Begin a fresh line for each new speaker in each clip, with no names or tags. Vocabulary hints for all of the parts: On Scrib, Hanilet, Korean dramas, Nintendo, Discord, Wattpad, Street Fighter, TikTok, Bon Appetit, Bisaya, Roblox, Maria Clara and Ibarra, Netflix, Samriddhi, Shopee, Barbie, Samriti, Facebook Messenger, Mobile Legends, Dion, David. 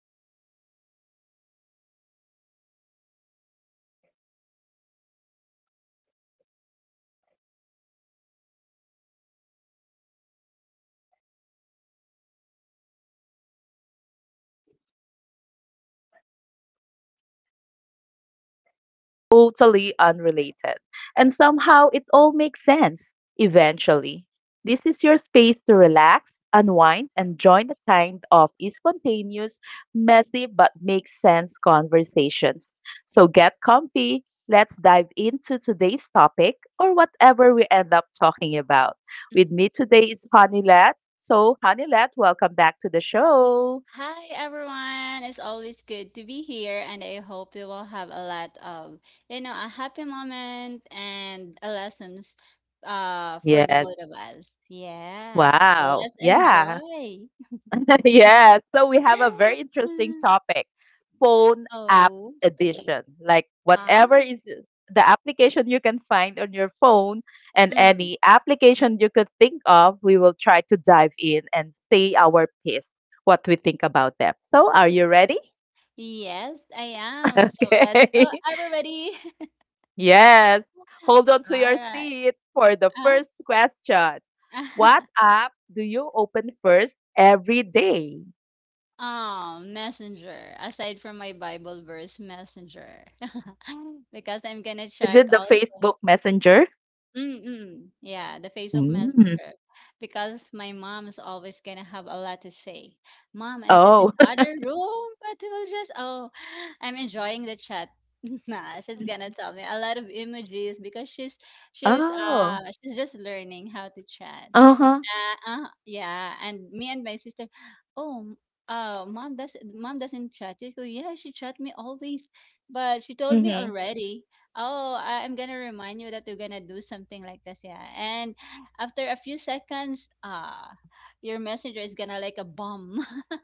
Welcome back to the On Scrib, your weekly stopover for stories, lessons, and laugh trip detours. I'm your host, Dion, and in this scrib, we don't follow scripts. We follow vibes. One minute, we're talking life lessons. Next minute, we're laughing at something totally unrelated. And somehow, it all makes sense, eventually. This is your space to relax, unwind, and join the kind of spontaneous, messy, but makes sense conversations. So get comfy. Let's dive into today's topic or whatever we end up talking about. With
Mm.
me today is Hanilet. So, Hanilet, welcome back to the show.
Hi everyone. It's always good to be here and I hope you will have a lot of, a happy moment and a lessons for the
Yes.
both of us. Yeah. So
Wow.
let's
Yeah.
enjoy.
Yes, so we have a very interesting topic, phone app
Oh.
edition. Like
Ah.
whatever is the application you can find on your phone and
Mm.
any application you could think of, we will try to dive in and say our piece, what we think about them. So are you ready?
Yes, I am. So let's go
Okay.
everybody.
Yes. Hold on
All
to your
right.
seat for the
Ah.
first question. What app do you open first every day?
Messenger. Aside from my Bible verse, Messenger. Because I'm gonna
Is
check
it the
also.
Facebook Messenger?
Mm-mm. Yeah, the Facebook
Mm.
Messenger. Because my mom is always gonna have a lot to say. Mom, I'm just
Oh.
in the other room, but it will just oh, I'm enjoying the chat. Nah, she's gonna tell me a lot of emojis because she's she's
Oh.
uh she's just learning how to chat.
Uh-huh.
Yeah, yeah. And me and my sister, oh, mom does mom doesn't chat. You go, yeah, she chat me always, but she told me
Mhm.
already. Oh, I'm gonna remind you that you're gonna do something like this, yeah. And after a few seconds, your messenger is gonna like a bomb.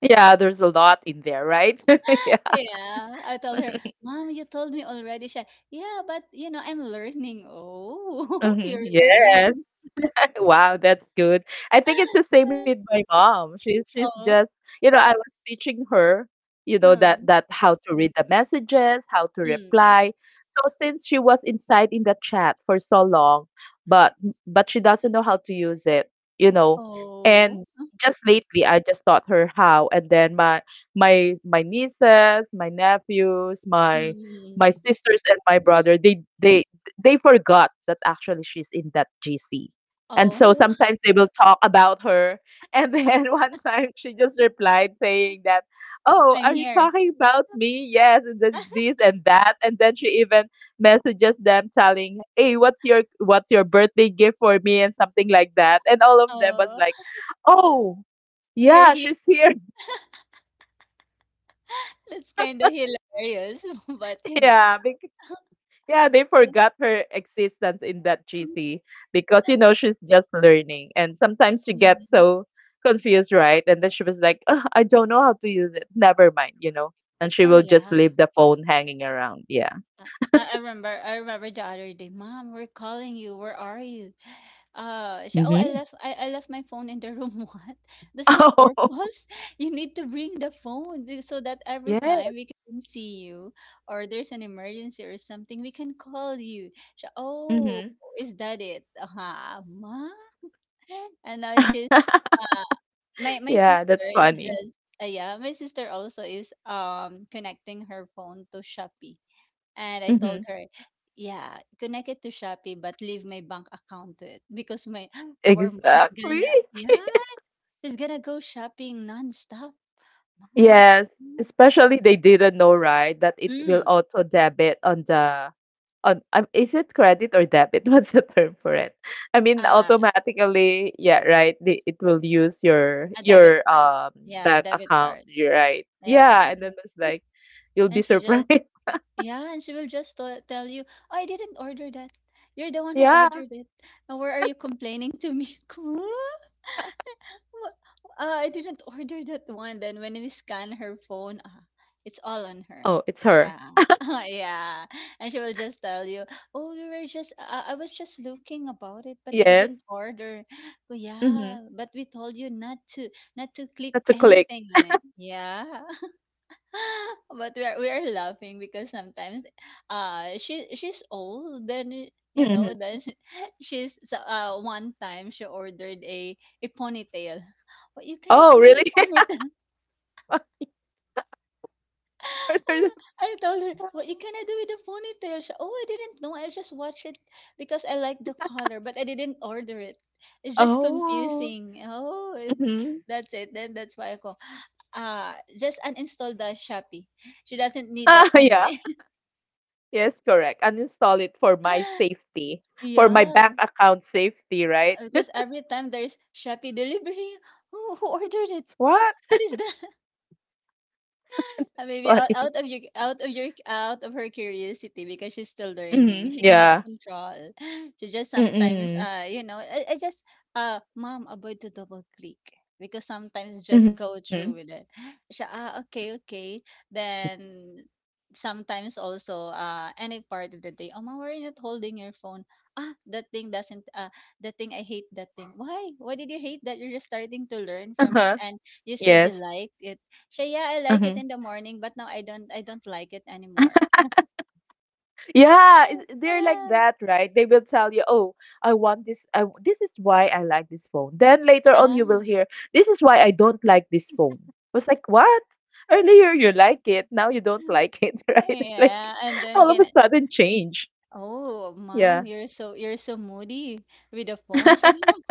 Yeah, there's a lot in there, right? Yeah.
Yeah, I told her, Mom, you told me already. She, yeah, but you know, I'm learning. Oh,
Mhm.
you're
Yes.
learning.
Wow, that's good. I think it's the same with my mom. She's just,
oh,
you know, I was teaching her, you know, that
mm,
that how to read the messages, how to
mm.
reply. So since she was inside in the chat for so long, but but she doesn't know how to use it, you know.
Oh.
And just lately I just taught her how, and then my my nieces, my nephews, my
Mm.
my sisters and my brother, they forgot that actually she's in that GC, and so
Oh.
sometimes they will talk about her. And then one time she just replied saying that, "Oh,
I'm
are you
here.
talking about me? Yes," and then this and that. And then she even messages them telling, "Hey, what's your birthday gift for me?" And something like that. And all of them was
Oh,
like, "Oh,
you're
yeah,
here.
she's here."
That's kind of hilarious, but you know.
Yeah, yeah, they
It's-
forgot her existence in that GC because you know she's just learning and sometimes she gets
Mm.
so confused, right? And then she was like, "Ugh, I don't know how to use it. Never mind, you know." And she
Oh
will just
yeah.
leave the phone hanging around. Yeah.
Uh, I remember. I remember the other day, Mom, we're calling you. Where are you? She, oh, I
Mm-hmm.
left. I left my phone in the room. What? That's the
Oh,
purpose. You need to bring the phone be- so that every time
yes.
we can see you, or there's an emergency or something, we can call you. She, oh,
Mm-hmm.
is that it? Uh-huh. Mom. And now she's uh, my
Yeah,
sister
that's
is
funny.
just yeah, my sister also is connecting her phone to Shopee. And I told
Mm-hmm.
her, yeah, connect it to Shopee but leave my bank account to it because my our mom's gonna
Exactly.
yeah, she's gonna go shopping nonstop. Mom, what's
Yes.
that?
Especially they didn't know, right, that it will
Mm,
auto debit on the— on, is it credit or debit? What's the term for it? I mean,
uh,
automatically, yeah, right. It will use your
a debit
your
card. Yeah,
bank
debit
account.
card.
You're right.
Yeah.
Yeah, and then it's like you'll be
And she just
surprised.
yeah, and she will just tell you, "Oh, I didn't order that. You're the one who
Yeah.
ordered it. Now where are you complaining to me?" Huh? Wha- I didn't order that one. Then when we scan her phone, ah, it's all on her.
Oh, it's her.
Yeah. yeah, and she will just tell you, "Oh, we were just. I was just looking about it, but I
Yes.
didn't order." Well,
Mm-hmm.
yeah, but we told you not to, not to click
That's a click.
anything on it. Yeah. but we are laughing because sometimes she she's old then you know
Mm-hmm.
then she- she's so, one time she ordered a ponytail. What you cannot
Oh,
do with the
really?
ponytail?
One quarter.
I told her what you cannot do with the ponytail. She, oh I didn't know I just watched it because I like the color but I didn't order it. It's just
Oh.
confusing. Oh it,
Mm-hmm.
that's it. Then that's why I go, uh just uninstall the Shopee. She doesn't need that
Ah, yeah.
anyway.
Yes, correct. Uninstall it for my safety, for my
Yeah,
bank account safety, right?
because every time there's Shopee delivery, who ordered it?
What?
What is that?
It's
Maybe out,
funny.
out of you out of your out of her curiosity because she's still learning.
Mhm,
She cannot
yeah.
control. She just sometimes
Mm-mm.
you know I just mom, avoid to double click because sometimes just
Mhm.
go through with it. She, ah okay okay. Then sometimes also any part of the day, oh mom, why are you not holding your phone? Ah, that thing doesn't that thing, I hate that thing. Why did you hate that? You're just starting to learn from it
Uh-huh.
and you said
Yes.
you liked it. So yeah, I like
Mhm.
it in the morning, but now I don't like it anymore.
Yeah, it's- they're like
Ah.
that, right? They will tell you, "Oh, I want this. I, w- this is why I like this phone." Then later on, you
Ah.
will hear, "This is why I don't like this phone." I was like, "What? Earlier you like it, now you don't like it, right?" It's like
Yeah, and then
all of a
again,
sudden change.
oh, mom,
Yeah.
you're so moody with the phone. Shani.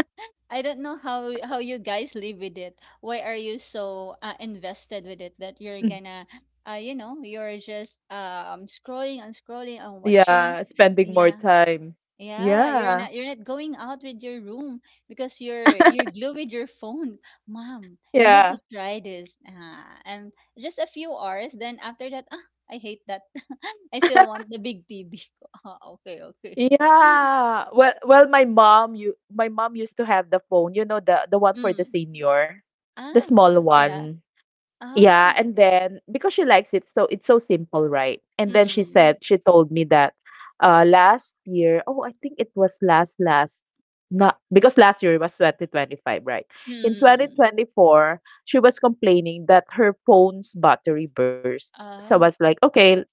I don't know how you guys live with it. Why are you so invested with it that you're
Mm.
gonna, you know, you're just scrolling and scrolling and watching.
Yeah, spending more
Yeah,
time.
yeah,
Yeah.
you're not going out with your room because you're glued with your phone. Mom, you need
Yeah.
to try this. Ah, and just a few hours, then after that, ah, I hate that. I still want the big TV. Ah, okay, okay.
Yeah. Well, my mom, my mom used to have the phone, you know, the one for the
Mm.
senior, the
Ah,
small
yeah.
one. Yeah,
Ah.
and then because she likes it, so it's so simple, right? And then she
Mm.
said, she told me that last year, oh, I think it was last last— not, because last year was 2025, right? In
Mm.
2024, she was complaining that her phone's battery burst. So I
Ah.
was like, okay,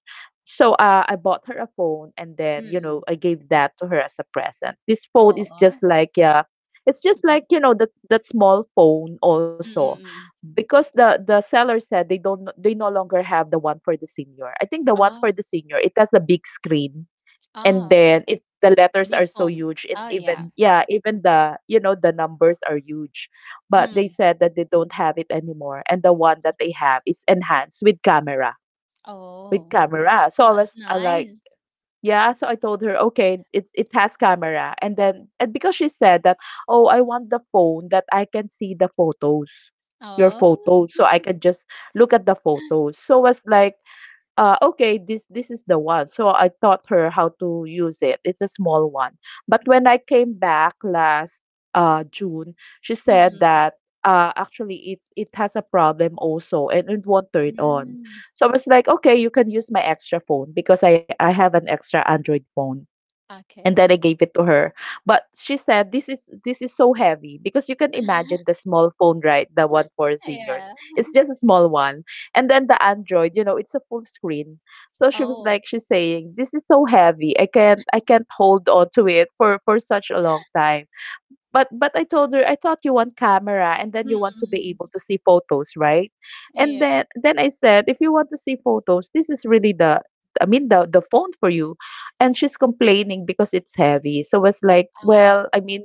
so I bought her a phone, and then you
Mm.
know I gave that to her as a present. This phone is
What?
just like, yeah, it's just like, you know, that small phone also,
Mm.
because the seller said they don't— they no longer have the one for the senior. I think the one
Ah.
for the senior, it has a big screen, and then
Ah.
it— the letters
Big
are so
phone.
huge, and
Oh yeah.
even, yeah, even the you know the numbers are huge, but they
Mm.
said that they don't have it anymore, and the one that they have is enhanced with camera— with
Oh.
camera. So I
That's
was like,
nice.
yeah, so I told her, okay, it's it has camera. And then, and because she said that, "Oh, I want the phone that I can see the photos, your
Oh,
photos, so I
mhm,
can just look at the photos." So was like, okay, this is the one. So I taught her how to use it. It's a small one. But when I came back last June, she said
mm,
that actually it has a problem also and it won't turn on.
hmm.
So I was like, okay, you can use my extra phone because I have an extra Android phone, and
Okay,
then I
okay.
gave it to her. But she said this is so heavy, because you can imagine the small phone, right? The one for seniors.
Yeah.
It's just a small one. And then the Android, you know, it's a full screen. So she was
Oh.
like, she's saying, "This is so heavy. I can't hold on to it for such a long time." But I told her, "I thought you want camera and then you want to be
Mm,
able to see photos, right?"
mm,
And
yeah.
then I said, "If you want to see photos, this is really the— I mean, the phone for you." And she's complaining because it's heavy. So I was like,
Oh,
"Well, I mean,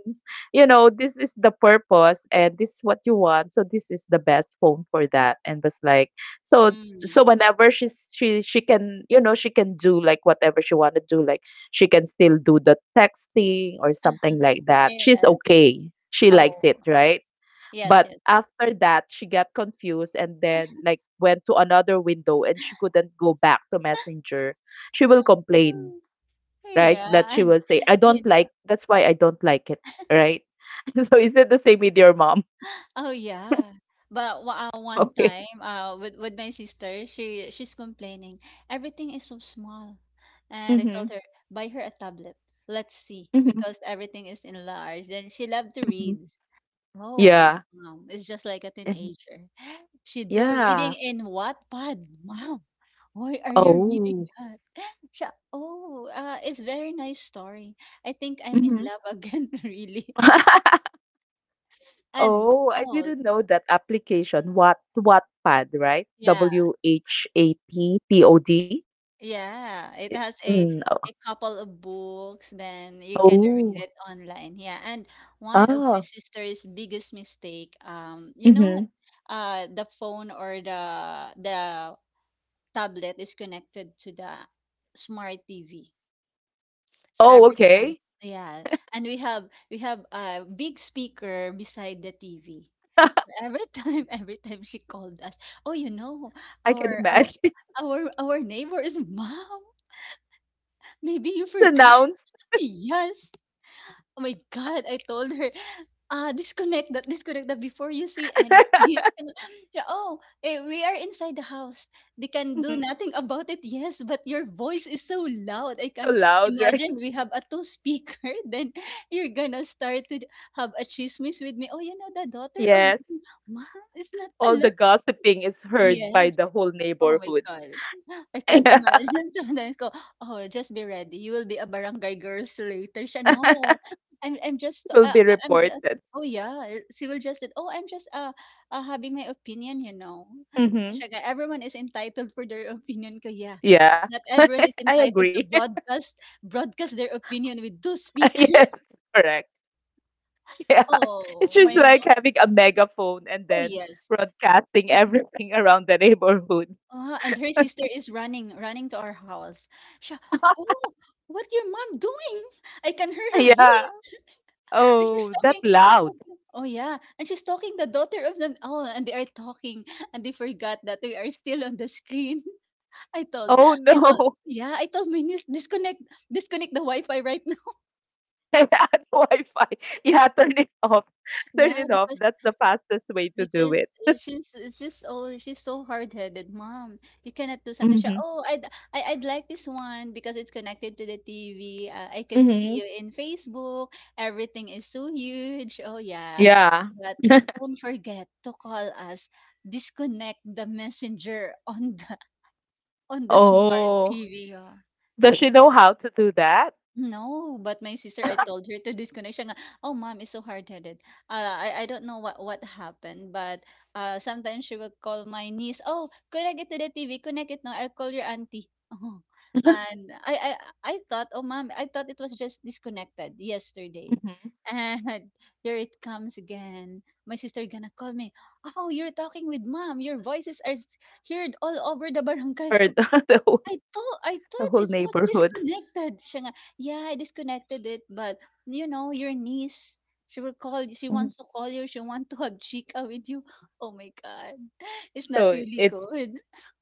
you know, this is the purpose and this is what you want, so this is the best phone for that." And was like, so
mm.
so whenever she can, you know, she can do like whatever she want to do, like she can still do the texting or something like that. She's
Yes.
okay. She likes
Oh,
it, right?
yes,
But
yes, yes.
after that, she got confused and then like went to another window and she couldn't go back to Messenger. She will complain,
Mm,
right? That
yeah,
she
and
will say, "I
you
don't
know,
like, that's why I don't like it," right? So is it the same with your mom?
oh yeah. But wa- one
Okay.
time, with my sister, she's complaining everything is so small, and I told
Mm-hmm.
her buy her a tablet. Let's see,
Mm-hmm.
because everything is in large, and she loved to
Mm-hmm.
read. Oh, my
Yeah.
mom is just like a
Mhm.
teenager. She do
Yeah.
reading in Wattpad. Mom, why are you reading
Oh.
that? Siya, oh, it's very nice story. I think I'm in
Mm-hmm.
love again, really. And
Oh, I
oh,
didn't know that application. What, Wattpad, right?
yeah,
W-H-A-T-P-O-D?
yeah. It has
Mm.
a couple of books, then you can
Oh.
read it online. Yeah, and one of my
Ah.
sister's biggest mistake, you know,
Mhm.
the phone or the tablet is connected to the smart TV. So
Oh,
every time,
okay.
yeah, and we have a big speaker beside the TV. So every time, every time she called us, oh, you know,
I can
our our
imagine.
our neighbor is mom. Maybe you forgot.
Pronounced.
Yes, oh my God, I told her, "Ah, disconnect that before you see anything." Yeah, oh, eh, we are inside the house. They can do
Mhm.
nothing about it, yes, but your voice is so loud. I
So
can
loud, right?
imagine we have a two speaker, then you're gonna start to have a chismis with me. Oh, you know, the daughter of
Yes.
Z- Mom is not
All the
allowed.
gossiping is heard by
Yes.
the whole
Oh my
neighborhood.
God. I can't
Yeah.
imagine sometimes ko, "Oh, just be ready. You will be a barangay girls later." Siya, "No, I'm just,
Will be
I'm just."
reported.
Oh, yeah. She will just said, "Oh, I'm just, having my opinion, you know."
Mhm.
Siya nga, everyone is entitled for their opinion ko, yeah.
Yeah.
But not everyone is
I
entitled
agree.
to broadcast their opinion with two speakers.
Yes. Correct. Yeah, it's
Oh,
just
my.
like having a megaphone and
Oh,
then
yes.
broadcasting everything around the neighborhood.
And her sister is running to our house. She, oh, what your mom doing? I can hear her
Yeah.
voice. And
Oh, that
she's
loud.
talking. Oh yeah, and she's talking the daughter of them. Oh, and they are talking, and they forgot that they are still on the screen. I told,
Oh
I told,
no.
yeah, I told my niece disconnect, disconnect the Wi-Fi right now.
I had Wi-Fi. Yeah, turn it off. Turn
Yeah,
it off.
because.
That's the fastest way to do
Because
it.
she's it's just oh, she's so hard-headed, "Mom, you cannot do something." Siya,
Mm-hmm.
"Oh, I I'd like this one because it's connected to the TV. I can see
Mm-hmm.
you in Facebook. Everything is so huge." Oh, yeah.
Yeah.
But don't forget to call us. Disconnect the messenger on the on the smart
Oh,
TV. Ah.
does she
It's
know how to do that?
No, but my sister, I told her to disconnect. Siya nga, oh, mom is so hard-headed. I don't know what happened, but sometimes she will call my niece, oh, connect it to the TV, connect it now, I'll call your auntie. Oh. And I thought, oh, mom, I thought it was just disconnected yesterday.
Mm-hmm.
And there it comes again. My sister gonna call me, oh, you're talking with mom. Your voices are s- heard all over the barangay.
Heard
I
the
thought
whole
it was
neighborhood.
disconnected. Siya nga, "Yeah, I disconnected it, but, you know, your niece, she
Mhm.
wants to call you, she want to have chica with you." Oh my God, it's not
So
really
it's
good.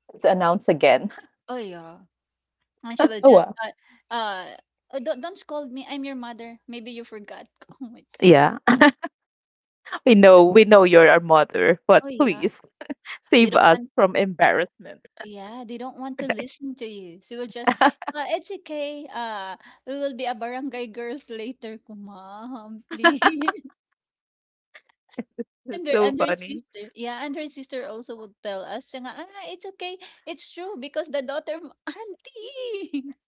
it's announced again.
Oh, yeah, and she will
Oh
just,
wow.
uh, uh, "Oh, don't scold me, I'm your mother. Maybe you forgot." Oh my God.
Yeah. We know you're our mother, but
Oh, yeah,
please
they
save
don't
us
want
from embarrassment.
yeah, they don't want to listen to you. She will just, "Ah, it's okay, ah, we will be a barangay girls later." Kumam. Please.
That's
And
so
her
funny.
sister yeah, and her sister also would tell us, siya nga, "Ah, it's okay, it's true because the daughter mo auntie."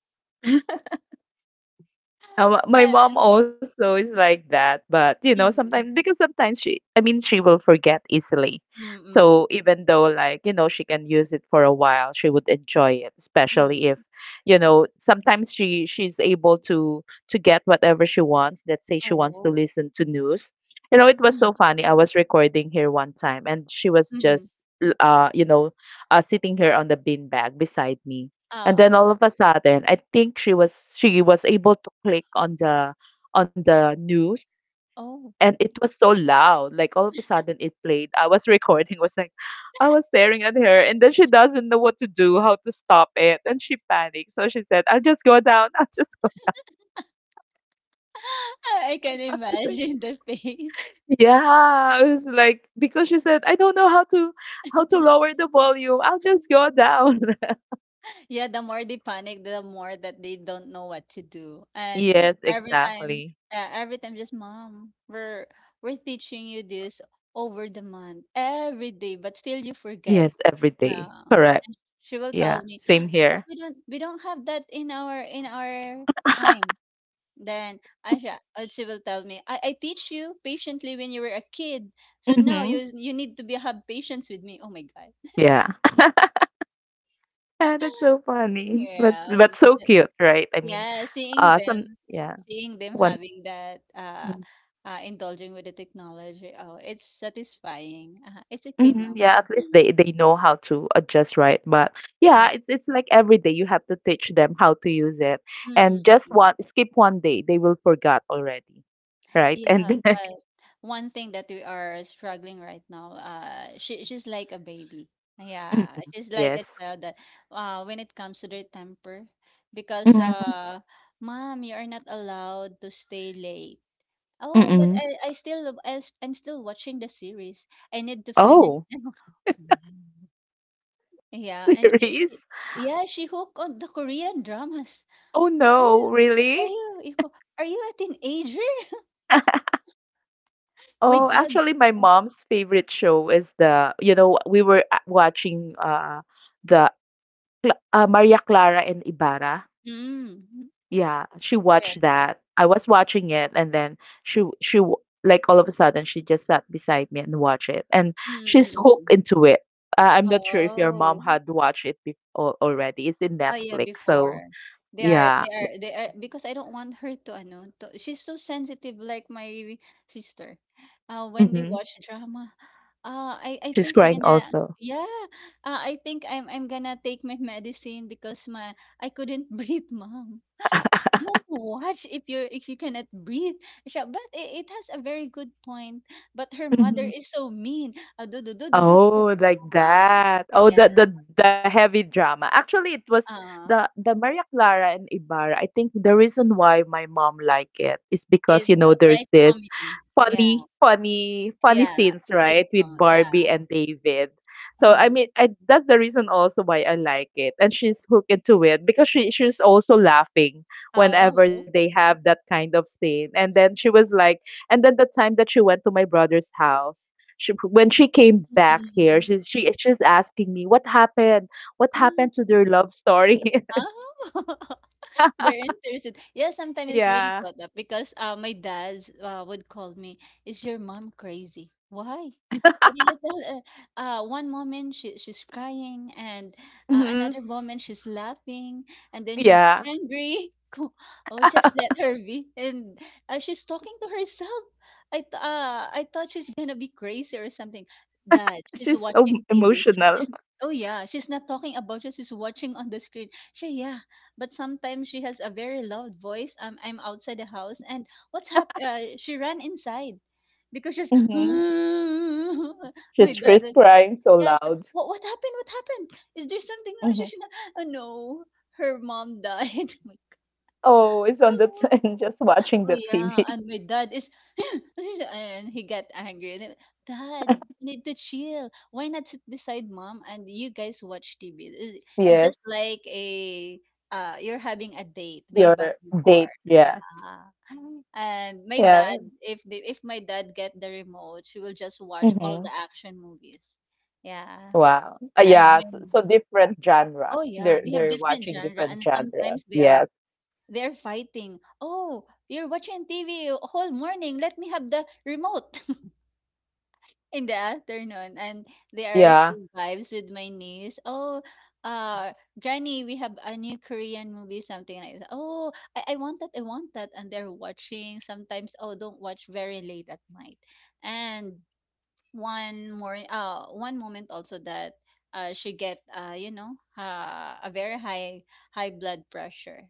My
Ah,
mom also is like that, but you know, sometimes—
mm,
because sometimes she, I mean, she will forget easily.
mm, mm,
So
mm.
even though, like, you know, she can use it for a while, she would enjoy it, especially if,
Mm.
you know, sometimes she's able to get whatever she wants. Let's say she wants to
Oh,
listen to news. You know, it was so
mm,
funny. I was recording here one time and she was
mm,
just l- you know, sitting here on the beanbag beside me. And
ah,
then all of a sudden, I think she was able to click on the news,
oh.
and it was so loud. Like all of a sudden it played. I was recording, was like— I was staring at her and then she doesn't know what to do, how to stop it, and she panicked. So she said, "I'll just go down, I'll just go
I
down."
can
I was like,
imagine the face.
yeah. It was like, because she said, "I don't know how to lower the volume. I'll just go down."
Yeah, the more they panic, the more that they don't know what to do. And
Yes,
every time,
exactly.
every time, just mom, we're teaching you this over the month, every day, but still you forget.
Yes, every day.
Yeah.
Correct.
She will
Yeah.
tell me
Same
because
here.
we don't have that in our time. Then Asha, she will tell me, I teach you patiently when you were a kid. So now
Mhm.
you need to be have patience with me. Oh my God.
Yeah. Yeah, that's so funny.
Yeah.
But so cute, right? I mean,
Yeah,
some yeah,
seeing them
one
having that
mm,
indulging with the technology. Oh, it's satisfying. It's okay,
mhm,
mom.
yeah, at least they know how to adjust, right? But
Yeah.
yeah, it's like every day you have to teach them how to use it.
Mm-mm.
And just one skip one day, they will forget already. Right? And
Yeah,
then—
but one thing that we are struggling right now, she's like a baby.
Mhm.
Yeah, she's like a
Yes.
child that, when it comes to their temper, because
Mm-hmm.
mom, you are not allowed to stay late. Oh, but
Mm-mm.
I'm still watching the series. I need to finish.
Oh,
Yeah, and she,
serious?
she yeah, she hooked on the Korean dramas.
Oh
Are
no,
you are
really?
you you co- are you a teenager? My
Oh,
dad.
actually, my mom's favorite show is the, you know, we were watching the Cla- Maria Clara and Ibarra.
Mm, mm.
Yeah, she
Well,
watched
yes.
that. I was watching it, and then she she w- like all of a sudden she just sat beside me and watched it, and
Mm,
she's
mm,
hooked
mm.
into it. I'm not sure if your mom
Oh.
had watched it already. It's in
Oh yeah,
Netflix, so
before. They are
yeah.
they are they are because I don't want her to she's so sensitive like my sister. Uh, when they
Hmm.
watch drama. I
She's
think I'm
crying
gonna
also.
yeah, I think I'm gonna take my medicine because my I couldn't breathe, mom. Don't watch if you cannot breathe siya, but it has a very good point, but her mother
Mhm.
is so mean. Ah, do, do, do, do, do, do.
Oh, like
Um,
that. Oh, the
yeah
the the heavy drama. Actually, it was
uh,
the Maria Clara and Ibarra. I think the reason why my mom liked it is because, you
it's
know, there's
light
this
comedy, yeah,
funny, funny, funny
yeah,
scenes, right, with
sitcom, yeah.
Barbie and David. So,
Hmm.
I mean, that's the reason also why I like it. And she's hooked into it because she's also laughing whenever
Oh.
they have that kind of scene. And then she was like, and then the time that she went to my brother's house, she when she came back here,
Mm-hmm.
she's asking me what happened to their love story.
Oh. They're interested. Yeah, sometimes it's really
Yeah.
caught up because my dad would call me, "Is your mom crazy? Why? What did you tell her?" One moment she's crying, and
Hmm.
another moment she's laughing, and then she's
Yeah,
angry. Ko- Oh, just let her be. And she's talking to herself. I thought she's gonna be crazy or something. Dad, she's
she's so
watching TV.
emotional.
She's, oh yeah, she's not talking about you. She's watching on the screen. She, yeah, but sometimes she has a very loud voice. I'm outside the house and what's hap- she ran inside because she's
Hmm.
my
She's
dad
she's
was,
crying so
yeah, she,
loud.
what happened? What happened? Is there something wrong? She
Hmm.
should oh no, her mom died. I'm like,
Oh, it's on the
oh.
just watching
Oh,
the
yeah,
TV.
and my dad is and he got angry and then, "Dad, you need to chill. Why not sit beside mom and you guys watch TV?" It's
Yes,
just like a you're having a date way
your
back before.
date.
Yeah.
Yeah,
And my
yeah.
dad, if my dad get the remote, she will just watch all
Hmm.
the action movies. Yeah.
Wow.
And
Yeah. So, so
when
different genre.
oh yeah,
They're
they have
they're
different
watching
genre
different
and
genre.
sometimes they are
Yes.
they're fighting. Oh, you're watching TV whole morning. Let me have the remote in the afternoon. And there are
Yeah.
some vibes with my niece. Oh, uh, Granny, we have a new Korean movie, something like that. Oh, I want that. I want that. And they're watching sometimes. Oh, don't watch very late at night. And one more, one moment also that she get, you know, a very high blood pressure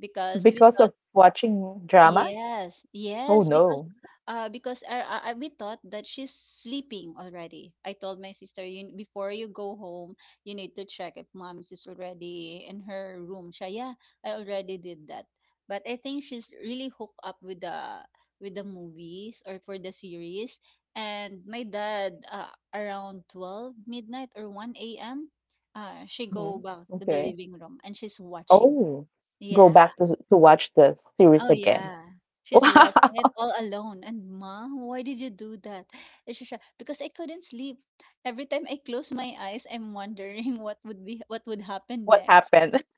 because we
Because
thought
of watching dramas.
yes,
Oh,
yes, because
no.
we thought that she's sleeping already. I told my sister, you before you go home, you need to check if mom's is already in her room. Siya, yeah, I already did that. But I think she's really hooked up with the movies or for the series. And my dad, around 12 midnight or 1 a.m., she go
Mhm.
back to the
Okay.
living room and she's watching.
Oh, go
Yeah.
back to watch the series
Oh,
again.
yeah. She's watching it
Wow,
all alone. And mom, why did you do that? And she said, because I couldn't sleep. Every time I close my eyes, I'm wondering what would be what would happen
what
next.
happened?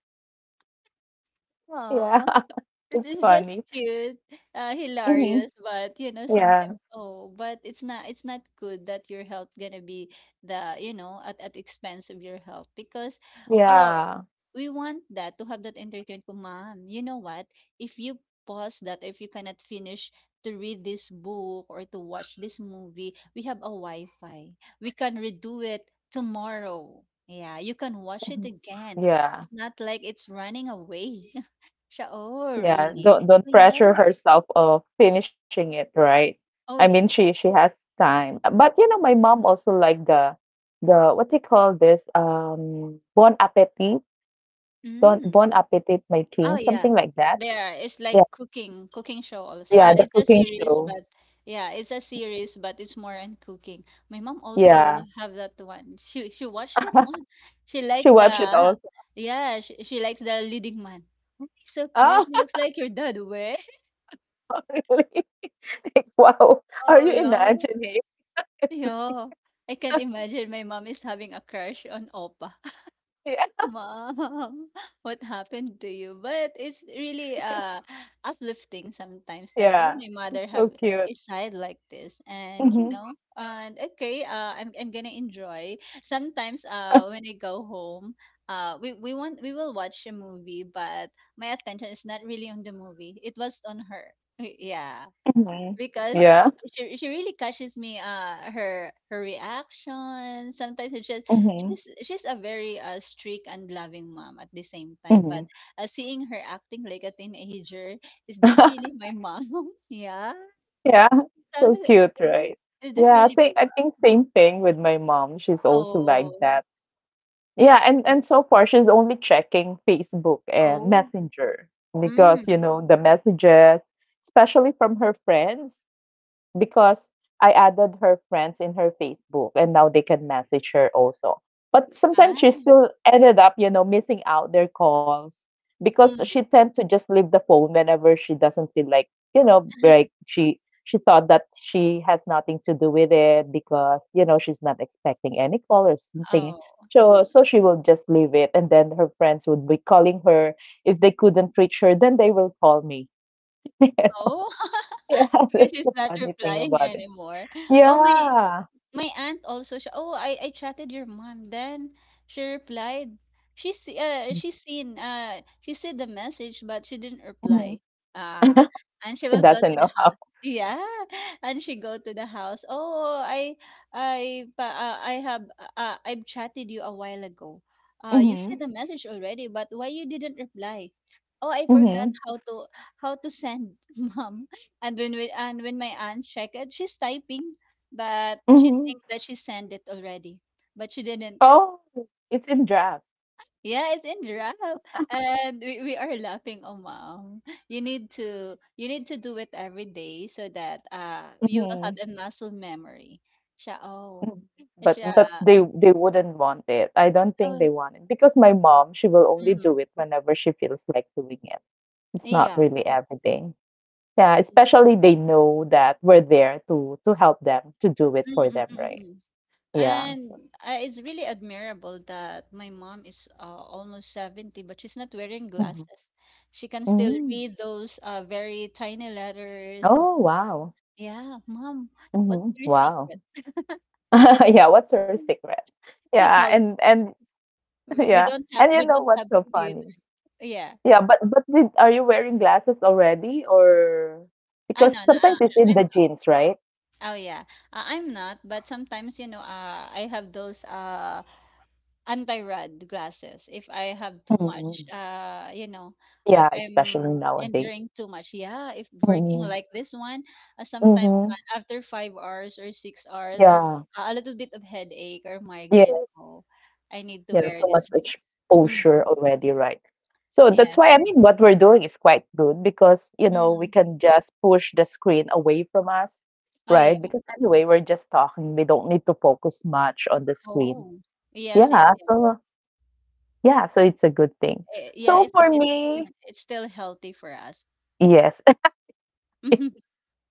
Yeah,
Aww. This
it's
is just
funny.
cute,
Hmm.
hilarious, but you know,
Yeah,
sometimes oh, but it's not good that your health gonna be the you know at expense of your health because oh
yeah,
we want that to have that entertainment. Ko, Ma'am, you know what? If you pause that, if you cannot finish to read this book or to watch this movie, we have a Wi-Fi. We can redo it tomorrow. Yeah, you can watch it
Mhm,
again.
yeah,
It's not like it's running away. Siya oh,
yeah.
really?
Don't
Oh,
pressure
yeah.
herself of finishing it, right? I
Oh,
mean,
yeah.
she has time. But you know, my mom also like the what do you call this? Bon Appetit, Don
Mm.
Bon Appetit, My
Oh,
King,
yeah.
something like that.
There, it's like
Yeah,
cooking show also.
yeah, the
It's a
cooking
series,
show.
but yeah, it's a series, but it's more on cooking. My mom also
Yeah.
have that one. She watched that one. She
She
liked
watched it
the
also.
yeah, she likes the leading man. Oh, he's so cute.
Oh,
He looks like your dad, way.
really? Like, wow. Are
Oh
you
yeah.
imagining?
Yeah. I can't imagine my mom is having a crush on Opa.
Yeah.
Mom, what happened to you? But it's really uplifting sometimes that oh
Yeah.
my
It's
mother have
so cute.
a side like this and you
Hmm.
know and okay I'm gonna enjoy. Sometimes when I go home we will watch a movie, but my attention is not really on the movie. It was on her. Yeah,
Hmm.
because
Yeah.
she really catches me her reaction sometimes it's just
Hmm.
she's a very strict and loving mom at the same time,
Hmm.
but seeing her acting like a teenager, is this really my mom yeah.
Yeah. So
Something like-
cute,
is this,
right?
is this
Yeah.
really my
Same, I think
mom
same thing with my mom. She's also like
Oh.
that. Yeah. And so far, she's only checking Facebook and
Oh.
Messenger because, you
Mm.
know, the messages, especially from her friends, because I added her friends in her Facebook and now they can message her also. But sometimes she
Ah.
still ended up, you know, missing out their calls because she
Mm.
tend to just leave the phone whenever she doesn't feel like, you know, like she thought that she has nothing to do with it because, you know, she's not expecting any call or something.
Oh.
So so she will just leave it and then her friends would be calling her. If they couldn't reach her, then they will call me.
Oh.
Yeah,
Because
that's
she's
the
not
funny thing
replying
about it.
anymore. Oh my.
Yeah.
My aunt also she, "Oh, I chatted your mom." Then she replied, she see the message, but she didn't
Mhm.
reply." Ah, and she
He
will go
doesn't
to
know
the house.
how.
Yeah, and she go to the house. Oh, I have I've chatted you a while ago. You see
Mhm.
the message already, but why you didn't reply? Oh, I forgot
Mhm.
how to send mom. And when my aunt checked, she's typing but she
Mhm.
thinks that she sent it already, but she didn't.
Oh, it's in draft.
Yeah, it's in draft, and we are laughing. Oh, mom, you need to do it every day so that you will have
Mhm.
a muscle memory. Siya, oh,
Mhm. But
siya,
they wouldn't want it. I don't think
oh,
they want it because my mom, she will only
mm,
do it whenever she feels like doing it. It's not
yeah.
really every day. Yeah, especially they know that we're there to help them to do it for them, right?
Mm-mm-mm-mm.
Yeah. So.
And it's really admirable that my mom is almost 70, but she's not wearing
Mhm.
glasses. She can still
Mm.
read those very tiny letters and
Oh, wow.
yeah, "Mom, what's
Mhm.
your
Wow.
secret?"
Yeah, what's her secret?
She
Yeah,
told me,
and
"W
yeah, and you
we
know
don't have
what's so
computer."
funny?
Yeah.
Yeah, but did are you wearing glasses already or
I
because
know, no,
sometimes it's in
I'm
the
not.
jeans, right?
Oh, yeah. I'm not, but sometimes, you know, I have those, anti-rad glasses if I have too much.
Mm,
You know, if
yeah, especially
I'm
nowadays.
enduring too much. Yeah, if working
Mm.
like this one, sometimes
Mm-hmm.
after 5 hours or 6 hours,
Yeah.
a little bit of headache or migraine.
Yes.
Oh, I need to
Yeah,
wear
too
this
much
one. Hmm.
exposure already, right? So
Yes.
that's why, I mean, what we're doing is quite good because, you know, we
Mm.
can just push the screen away from us,
Oh
right?
yeah.
Because anyway, we're just talking. We don't need to focus much on the screen.
Oh. Yes, yes,
Yeah,
yes.
so yeah, so it's a good thing.
Yeah,
So
it's
for
it's
me,
it's still healthy for us.
yes,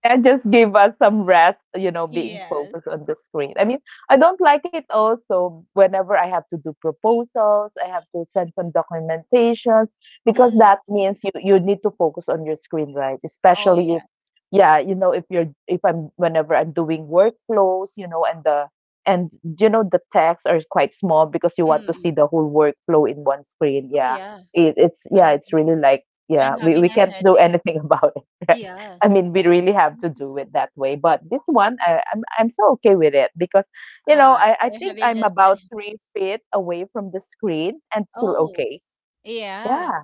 that just gave us some rest, you know, being
Yes.
focused on the screen. I don't like it also whenever I have to do proposals, I have to send some documentations because
Mm.
that means you you need to focus on your screen, right?
Oh
Especially if
yeah.
yeah, you know, if I'm whenever I'm doing workflows, you know, and the and you know the text are quite small because you want to see
Mm.
the whole workflow in one screen.
Oh
Yeah.
yeah.
It, it's yeah,
I
it's really like yeah,
I'm having
we
a
can't do
headache.
anything about it. Right?
Yes.
I mean, we really have to do it that way. But this one, I'm so okay with it because, you know,
Ah,
I think
you
I'm
just
about 3 feet away from the screen and still
oh,
okay.
yeah.
Yeah.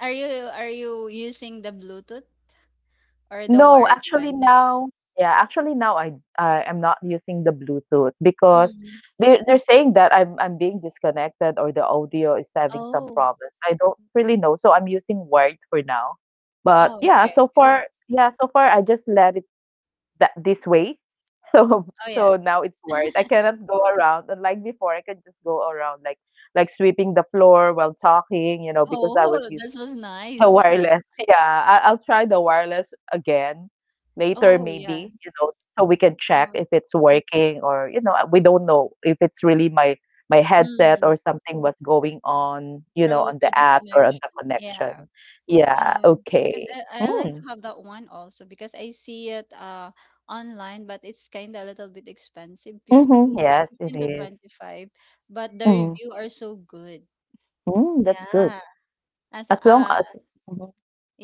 Are you using the Bluetooth or the
No,
wired
actually
one?
now, yeah, actually now I am not using the Bluetooth because
Mm.
they're saying that I'm being disconnected or the audio is having some
Oh.
problems. I don't really know, so I'm using wired for now. But
Oh,
yeah,
okay,
so
okay.
far, yeah, so far I just let it that this way. So
Oh yeah.
so now it's worth. I cannot go around. Unlike before, I can just go around like sweeping the floor while talking, you know, because I was
Oh, this
using
was
the
nice.
wireless. Yeah, I'll try the wireless again later,
Oh yeah.
maybe, you know, so we can check
Uh,
if it's working or you know, we don't know if it's really my headset
hmm.
or something was going on, you know,
Probably
on the
for the
apps or on
connection.
the connection.
Yeah.
Yeah,
Because
okay.
I like
Mm.
to have that one also because I see it online, but it's kind of a little bit expensive,
Mm-hmm. Yes, it
15 to
is.
25, but the
Mm-hmm.
review are so good.
Mm, that's good.
Yeah. As
As long as mhm.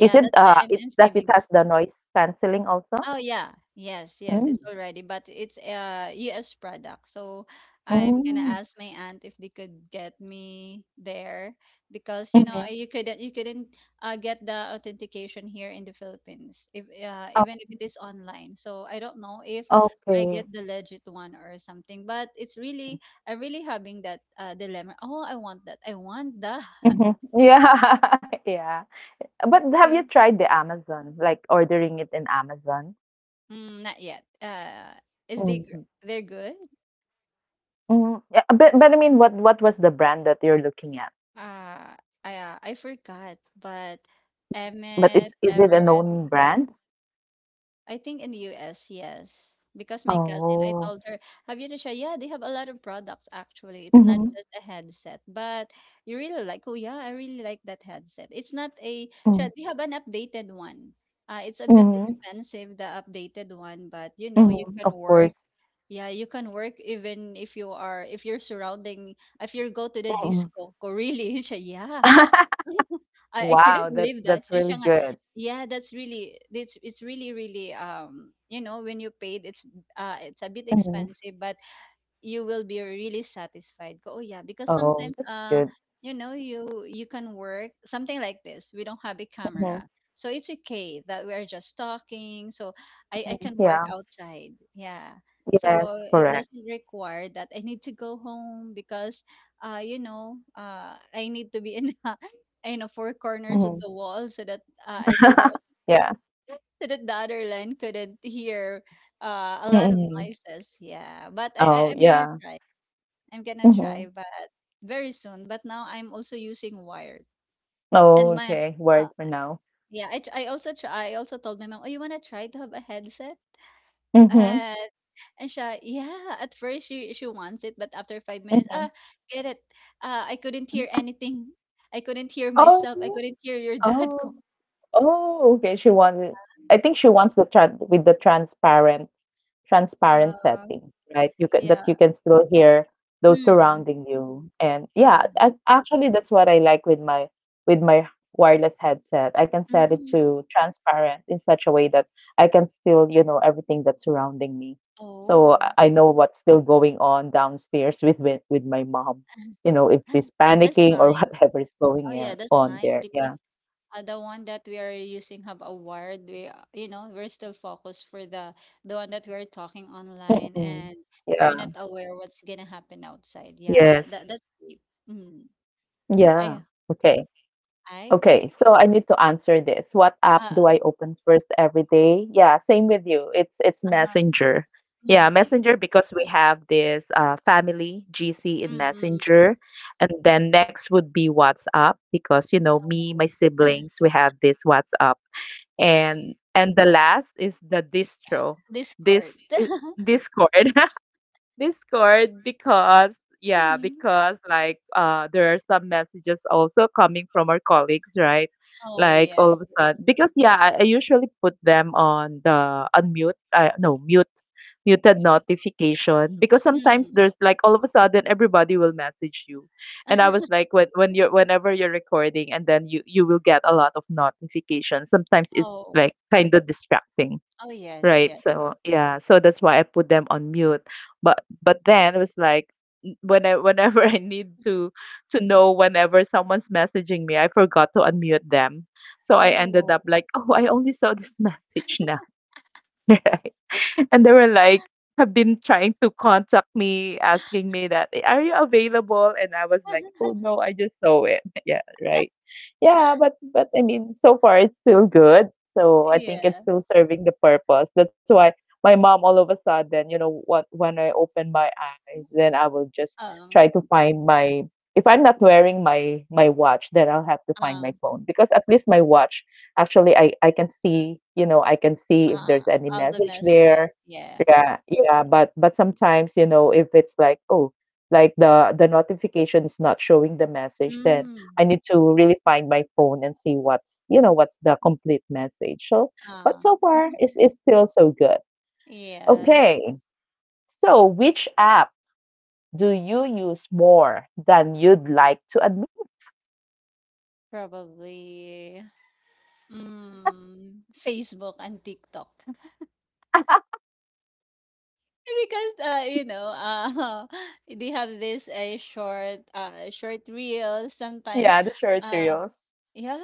Is it,
that's why I'm
does it
saving.
has the noise cancelling also?
Oh yeah, yes, yes, it's
Mm.
already, but it's a US product. So I'm gonna
Mm.
ask my aunt if they could get me there because you know
Mhm.
you couldn't get the authentication here in the Philippines if
Oh,
even if it is online. So I don't know if I get
okay.
the legit one or something, but it's really I'm really having that dilemma. Oh, I want that. I want the
Mhm. Yeah, yeah. But have you
yeah.
tried the Amazon, like ordering it in Amazon?
Mm, not yet. Is they
Mm.
gr- they're good?
Mm. Yeah, but I mean, what was the brand that you're looking at?
Uh, I forgot, but
Mhm. But
Emmett,
is it a
Everett,
known brand?
I think in the US, yes. Because my cousin, I
Oh.
told her, have you to try? Yeah, they have a lot of products actually. It's not
Mhm.
just a headset, but you really like, oh yeah, I really like that headset. It's not a,
Mm.
siya- they have an updated one. It's a bit
Mhm.
expensive, the updated one, but you know, you
Mhm.
can
Of
work.
course.
Yeah, you can work even if you are, if you're surrounding, if you go to the
Mm-mm.
disco, ko- really, siya, yeah, I couldn't
Wow,
believe that.
that's
Siya
really
siya nga,
good.
yeah, that's really it's really really when you paid it's it's a bit
Mhm.
expensive, but you will be really satisfied. Go. Oh yeah, because
Oh,
sometimes
that's good.
you can work something like this. We don't have a
Mhm,
camera. So it's okay that we are just talking. So I
mhm.
can work
Yeah.
outside. Yeah. So
Yes,
it
correct.
doesn't require that I need to go home because I need to be in in the four corners of
Mhm.
the wall so that I could
Yeah.
so that the other line couldn't hear a lot of
Hmm.
noises. Yeah, but I
Oh,
I'm gonna
yeah.
try. I'm gonna try,
Mhm.
but very soon. But now I'm also using wired,
Oh,
and my
okay.
uh,
Word for now.
yeah, I also try. I also told my mom, "Oh, you wanna try to have a headset?"
Mhm,
Uh, and she, yeah, at first she wants it, but after 5 minutes, ah,
mhm.
get it. I couldn't hear anything. I couldn't hear
Oh,
myself. I
really?
couldn't hear your dad.
Oh,
Go.
oh, okay. She wants it. I think she wants the transparent transparent
Uh,
setting, right?
yeah.
You can still hear those
Mm,
surrounding you. And yeah,
yeah.
actually that's what I like with my wireless headset. I can set it
Mm.
to transparent in such a way that I can still, you know, everything that's surrounding me. So
Oh.
I know what's still going on downstairs with with my mom. You know, if she's
That, that's
panicking or
nice.
whatever is going
Oh yeah,
in,
that's
on
nice
there.
because
Yeah.
the one that we are using have a word we we're still focused for the one that we're talking online,
Mm-mm.
and we're
Yeah.
not aware what's gonna happen outside. Yeah, that,
Yes.
that that's deep. Mm.
Yeah.
i
Okay.
I
Okay,
okay.
so I need to answer this. What app
uh,
do I open first every day? Yeah, same with you. It's
uh-huh.
Messenger. Yeah,
Mm.
Messenger because we have this family GC
Mm,
in
mm, mm.
Messenger, and then next would be WhatsApp because you know me, my
Oh,
siblings, we have this WhatsApp, and the last is the distro, this
discord.
I- Discord. Discord because yeah,
Mm.
because like there are some messages also coming from our colleagues, right?
Oh
Like all
yes.
of a sudden because yeah, I usually put them on the unmute no mute muted notification because sometimes
Mm.
there's like all of a sudden everybody will message you and I was like when you're whenever you're recording and then you will get a lot of notifications sometimes it's
Oh.
like kind of distracting.
Oh yes,
Right.
yes.
So yeah, so that's why I put them on mute. But then it was like when I whenever I need to know whenever someone's messaging me, I forgot to unmute them. So I ended up
Oh
like, oh, I only saw this message now. and they were like have been trying to contact me asking me that, "Eh, are you available?" And I was like, oh no, I just saw it. Yeah, right. Yeah, but I mean so far it's still good, so I think it's
yeah.
still serving the purpose. That's why my mom all of a sudden, you know what, when I open my eyes then I will just try
um
to find my if I'm not wearing my my watch then I'll have to find my
um
phone because at least my watch, actually I can see, you know, I can see if there's
uh
any
all the
message
messages.
there.
Yeah.
Yeah, yeah, but sometimes, you know, if it's like, oh, like the notification is not showing the message, then
Mm.
I need to really find my phone and see what's, you know, what's the complete message. So, but
Ah,
so far,
mhm.
it's still so good.
Yes,
Okay. So, which app do you use more than you'd like to admit?
probably, mm, Facebook and TikTok. Because, they have this uh, short reels sometimes.
Yeah, the short
Uh,
reels.
yeah,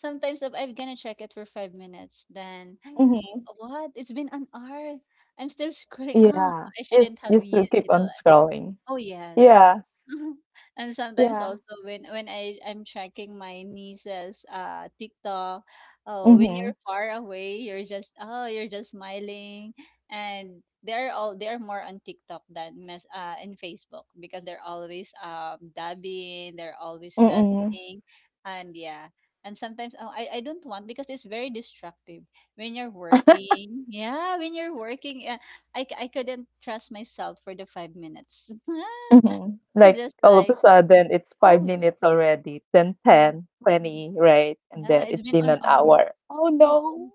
sometimes if I'm gonna check it for 5 minutes, then
Mm-hmm.
what? It's been an hour. I'm still scrolling. Ah,
Yeah.
I
Yes,
shouldn't have
you still
used
keep
it.
on
All.
scrolling.
Oh yes.
Yeah.
And sometimes
Yeah.
also when I'm tracking my niece's TikTok, oh when
Mm-hmm.
you're far away, you're just oh you're just smiling, and they're all they're more on TikTok than mess in Facebook because they're always dabbing, they're always
Mm-mm.
dancing, and yeah, and sometimes oh, I don't want because it's very destructive when you're working. Yeah, when you're working, I couldn't trust myself for the 5 minutes.
Mhm.
It's
Like
just
all of a
like,
sudden, it's
"Oh,
five minutes already, then
yeah,
10, 20, right? And
yeah,
then
it's
it's
been
been
an
an
hour.
hour. Oh
Oh,
no.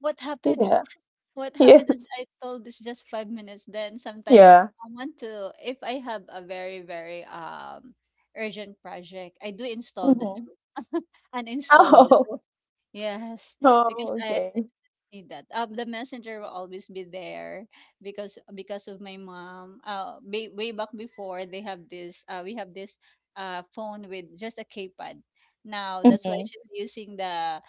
what happened?
Yeah.
What
Yes.
happened is I told it's just 5 minutes." Then sometimes
Yeah.
I want to if I have a very, very, urgent project, I do install the
Mm-hmm.
2, uninstall the
Oh.
2. Yes, because
Oh,
I
okay.
need that. The messenger will always be there because of my mom. Way, way back before they have this. We have this phone with just a keypad. Now that's why
Mm-hmm.
she's using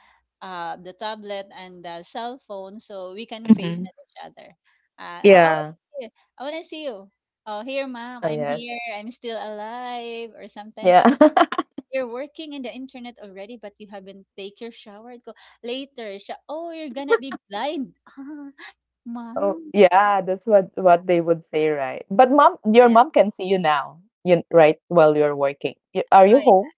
the tablet and the cell phone so we can face
Mm-hmm.
at each other. Oh, I want
Yeah.
to see you. I want to see you. Oh, here, mom.
Oh,
I'm
yes.
here. I'm still alive. Or sometimes
Yeah.
you're working in the internet already, but you haven't take your shower. Go later. Sha- oh, you're gonna be blind. Ah,
Oh,
mom.
yeah. That's what they would say, right? But mom, your
Yeah.
mom can see you now, you right? While you're working, are
Oh,
you
yeah.
home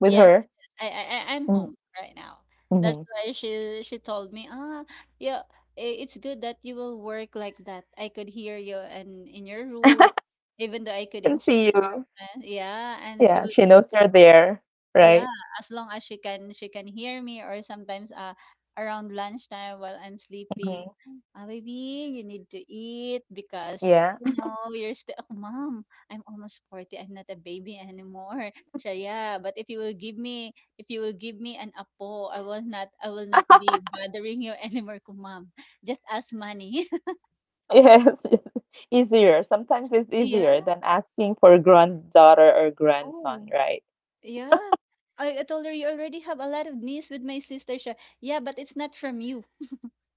with
Yes.
her?
Yes, yes. I'm home right now.
Mm-hmm.
That's why she told me. Ah, yeah. I- It's good that you will work like that. I could hear you and in your room, even though I
Can
couldn't see
see
you
you.
sometimes. Yeah, and she
Yeah,
was.
she knows you're there, right?
Yeah, as long as she can hear me, or sometimes around lunchtime while I'm sleeping,
Hmm.
"Ah, baby, you need to eat because
Yeah.
you know you're still oh, mom, I'm almost 40. I'm not a baby anymore. So yeah, but if you will give me if you will give me an apo, I will not be bothering you anymore, ko, mom. Just ask money."
Yes, it's easier. Sometimes it's
Yeah.
easier than asking for granddaughter or grandson,
Oh,
right?
yeah. I told her you already have a lot of needs with my sister. Siya, yeah, but it's not from you.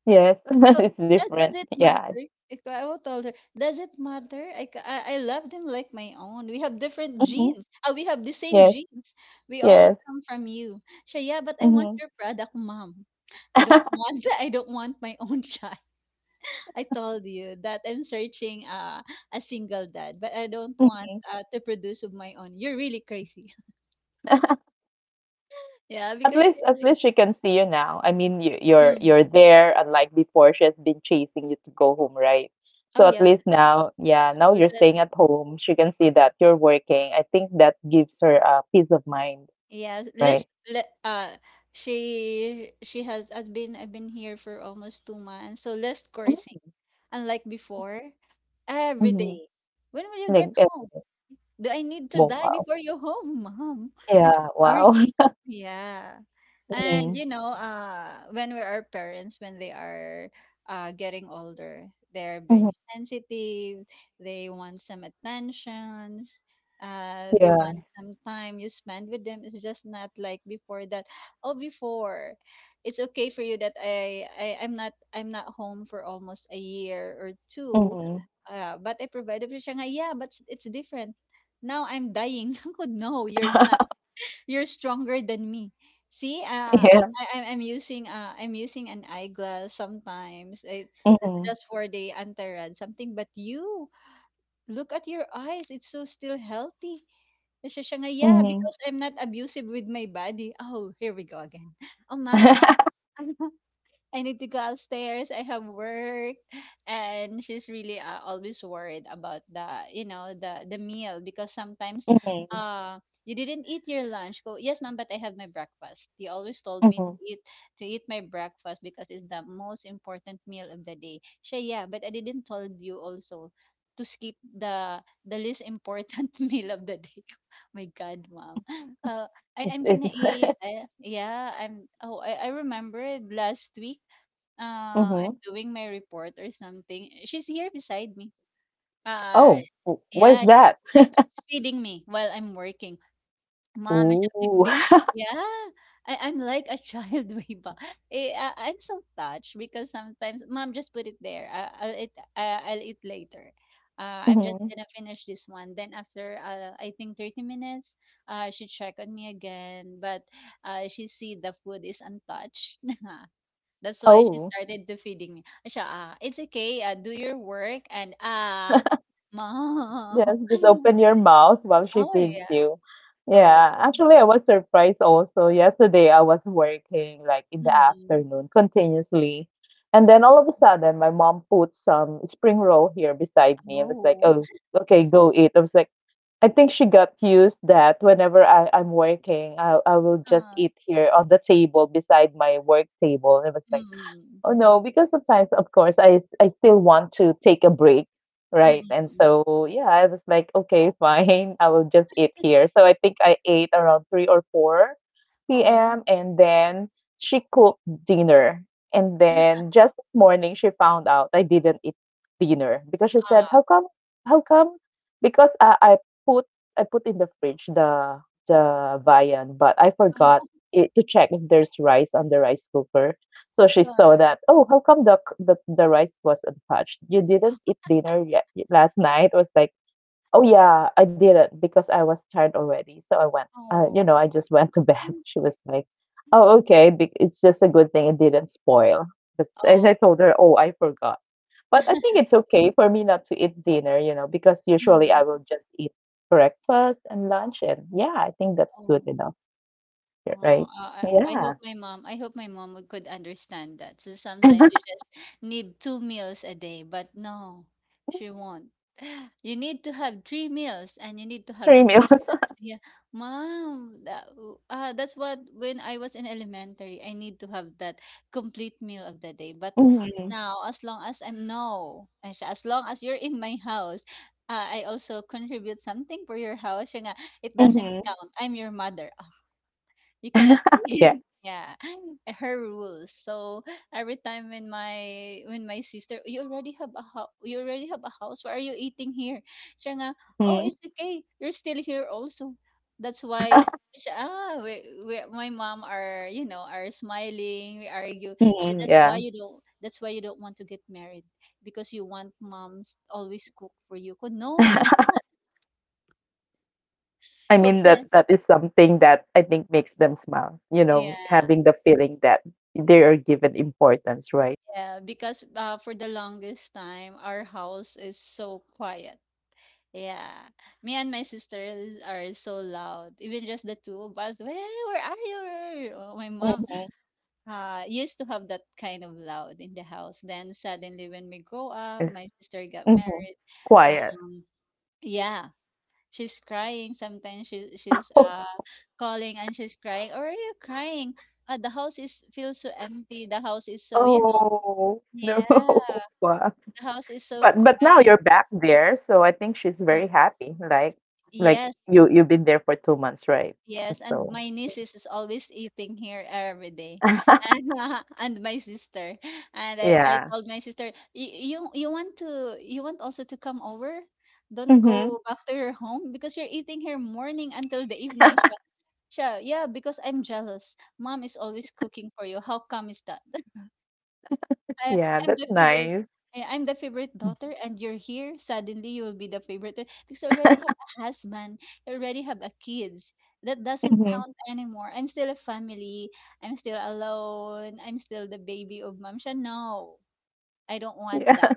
Yes,
So,
it's different.
does it
Yeah.
matter? Like, I will tell her, does it matter? I, ca- I love them like my own. We have different
Hmm.
genes. We have the same
Yes,
genes. We all
yes.
come from you. Siya, yeah, but I want
Hmm.
your product, mom. I don't want I don't want my own child. I told you that I'm searching a single dad, but I don't want
Mhm.
to produce of my own. You're really crazy. Yeah,
At
because she
least, at
really.
least she can see you now. I mean, you're you're
Mm.
there, unlike before, she has been chasing you to go home, right?
Oh
So at
yeah,
least now, yeah,
she
now
will.
you're staying at home. She can see that you're working. I think that gives her a peace of mind,
Yeah,
right?
list le, she has been I've been here for almost 2 months. So less
Mm,
coursing. Unlike before, every
mhm,
day. When will you
like
get home?
everything.
Do I need to
Wo Wow.
die
Wow.
before you home, mom? I'm
Yeah,
just
wow.
working. Yeah. And
Mhm,
you know, when we are parents, when they are getting older, they're being
mhm,
sensitive, they want some attentions, they
yeah,
want some time you spend with them. It's just not like before that, oh before it's okay for you that I'm not home for almost a year or two.
mhm,
But I provided for siya nga, yeah, but it's different now I'm dying. Ako, no, you're not. You're stronger than me. See,
yeah,
I'm using an eyeglass sometimes. It, it's
mhm,
just for the antaran something. But you look at your eyes. It's so still healthy. Kasi siya nga, yeah,
mhm, mhm,
because I'm not abusive with my body. Oh, here we go again. Oh,
mhm.
ma'am. I need to go upstairs. I have work, and she's really always worried about the you know the meal because sometimes you didn't eat your lunch. Go yes, ma'am. But I have my breakfast. He always told me to eat my breakfast because it's the most important meal of the day. She yeah, but I didn't told you also to skip the least important meal of the day. My God, mom. Uh,
It's,
I'm
it's
gonna eat. Yeah, I'm. Oh, I remembered last week I'm
Mhm.
doing my report or something. She's here beside me. Uh,
Oh, what is
yeah,
that?
she's feeding me while I'm working. Mom, I should
Ooh.
be- yeah, I'm like a child way back. Eh, I'm so touched because sometimes, Mom, just put it there. I'll eat. I'll eat later. Uh, I'm just gonna
Mhm.
finish this one. Then after, I think 30 minutes, she check on me again, but she see the food is untouched. That's why she
Oh.
started to feeding me. Siya, ah, it's okay. Do your work and ah, mom.
Yes, just open your mouth while she
Oh
feeds
yeah.
you.
Oh.
Yeah, actually, I was surprised also. Yesterday, I was working like in the
Hmm.
afternoon continuously. And then all of a sudden, my mom put some spring roll here beside me and was like,
Oh.
oh, okay, go eat. I was like, I think she got used that whenever I'm working, I will just
Ah.
eat here on the table beside my work table. And I was like,
Hmm.
oh no, because sometimes, of course, I still want to take a break,
Mm.
right?
Mm,
And
mm.
so yeah, I was like, okay, fine, I will just eat here. So I think I ate around 3 or 4
Oh.
p.m. and then she cooked dinner. And then just this morning she found out I didn't eat dinner because she said,
Ah.
"How come? How come?" Because I put I put in the fridge the viand, but I forgot
Oh.
it to check if there's rice on the rice cooker. So she saw
Oh.
that, oh, how come the rice was untouched? You didn't
Ah.
eat dinner yet last night? Was like, oh yeah, I didn't because I was tired already. So I went, you
Oh.
know, I just went to bed. She was like, oh, okay, it's just a good thing it didn't spoil. But and I told her, oh, I forgot. But I think
Oh.
it's okay for me not to eat dinner, you know, because usually I
Mm.
will just eat breakfast and lunch, and yeah, I think that's good
Oh.
enough,
Oh,
right?
I
Yeah,
hope my mom I hope my mom would could understand that. So sometimes you just need two meals a day, but no, she won't. You need to have three meals and you need to have
three
two
meals.
snacks. Yeah, mom, that's what when I was in elementary, I need to have that complete meal of the day. But
Mhm.
now, as long as I'm no, as long as you're in my house, I also contribute something for your house. Siya nga, it doesn't
Mhm.
count. I'm your mother. You cannot
Yeah.
yeah her rules. So every time when my sister, you already have a house. You already have a house. Why are you eating here? Siya nga, oh,
Mhm.
it's okay. You're still here also. That's why. Siya, ah, my mom are you know are smiling. We argue. She,
Mhm.
that's why
Yeah.
you don't. That's why you don't want to get married because you want moms always cook for you. Ko, no, I'm not.
I
Ko,
mean that that is something that I think makes them smile, you know,
yeah.
having the feeling that they are given importance, right?
Yeah, because for the longest time, our house is so quiet. Yeah, me and my sisters are so loud. Even just the two of us, where are you? Where are you?" Oh, my mom
Mhm.
used to have that kind of loud in the house. Then suddenly, when we grow up,
Yes.
my sister got
Mhm.
married.
Quiet.
Um, yeah, she's crying. Sometimes she's
Oh,
calling and she's crying. Or are you crying? The house is feels so empty. The house is so you know.
oh no.
Yeah,
Wow.
the house is so
But now
quiet.
you're back there, so I think she's
Ah,
very happy. Like
yes,
you you've been there for 2 months, right?
yes. And
So
my niece is always eating here every day. And and my sister. And I
yeah.
told my sister, "Y- you want to you want also to come over? Don't
Mhm.
go back to your home because you're eating here morning until the evening. Siya, siya, yeah, because I'm jealous. Mom is always cooking for you. How come is that? I
Yeah,
I'm
that's
the favorite.
nice.
I'm the favorite daughter, and you're here. Suddenly, you will be the favorite da- because I already have a husband. I already have a kids. That doesn't
Mhm.
count anymore. I'm still a family. I'm still alone. I'm still the baby of mom. Siya, no, I don't want
Yeah.
that.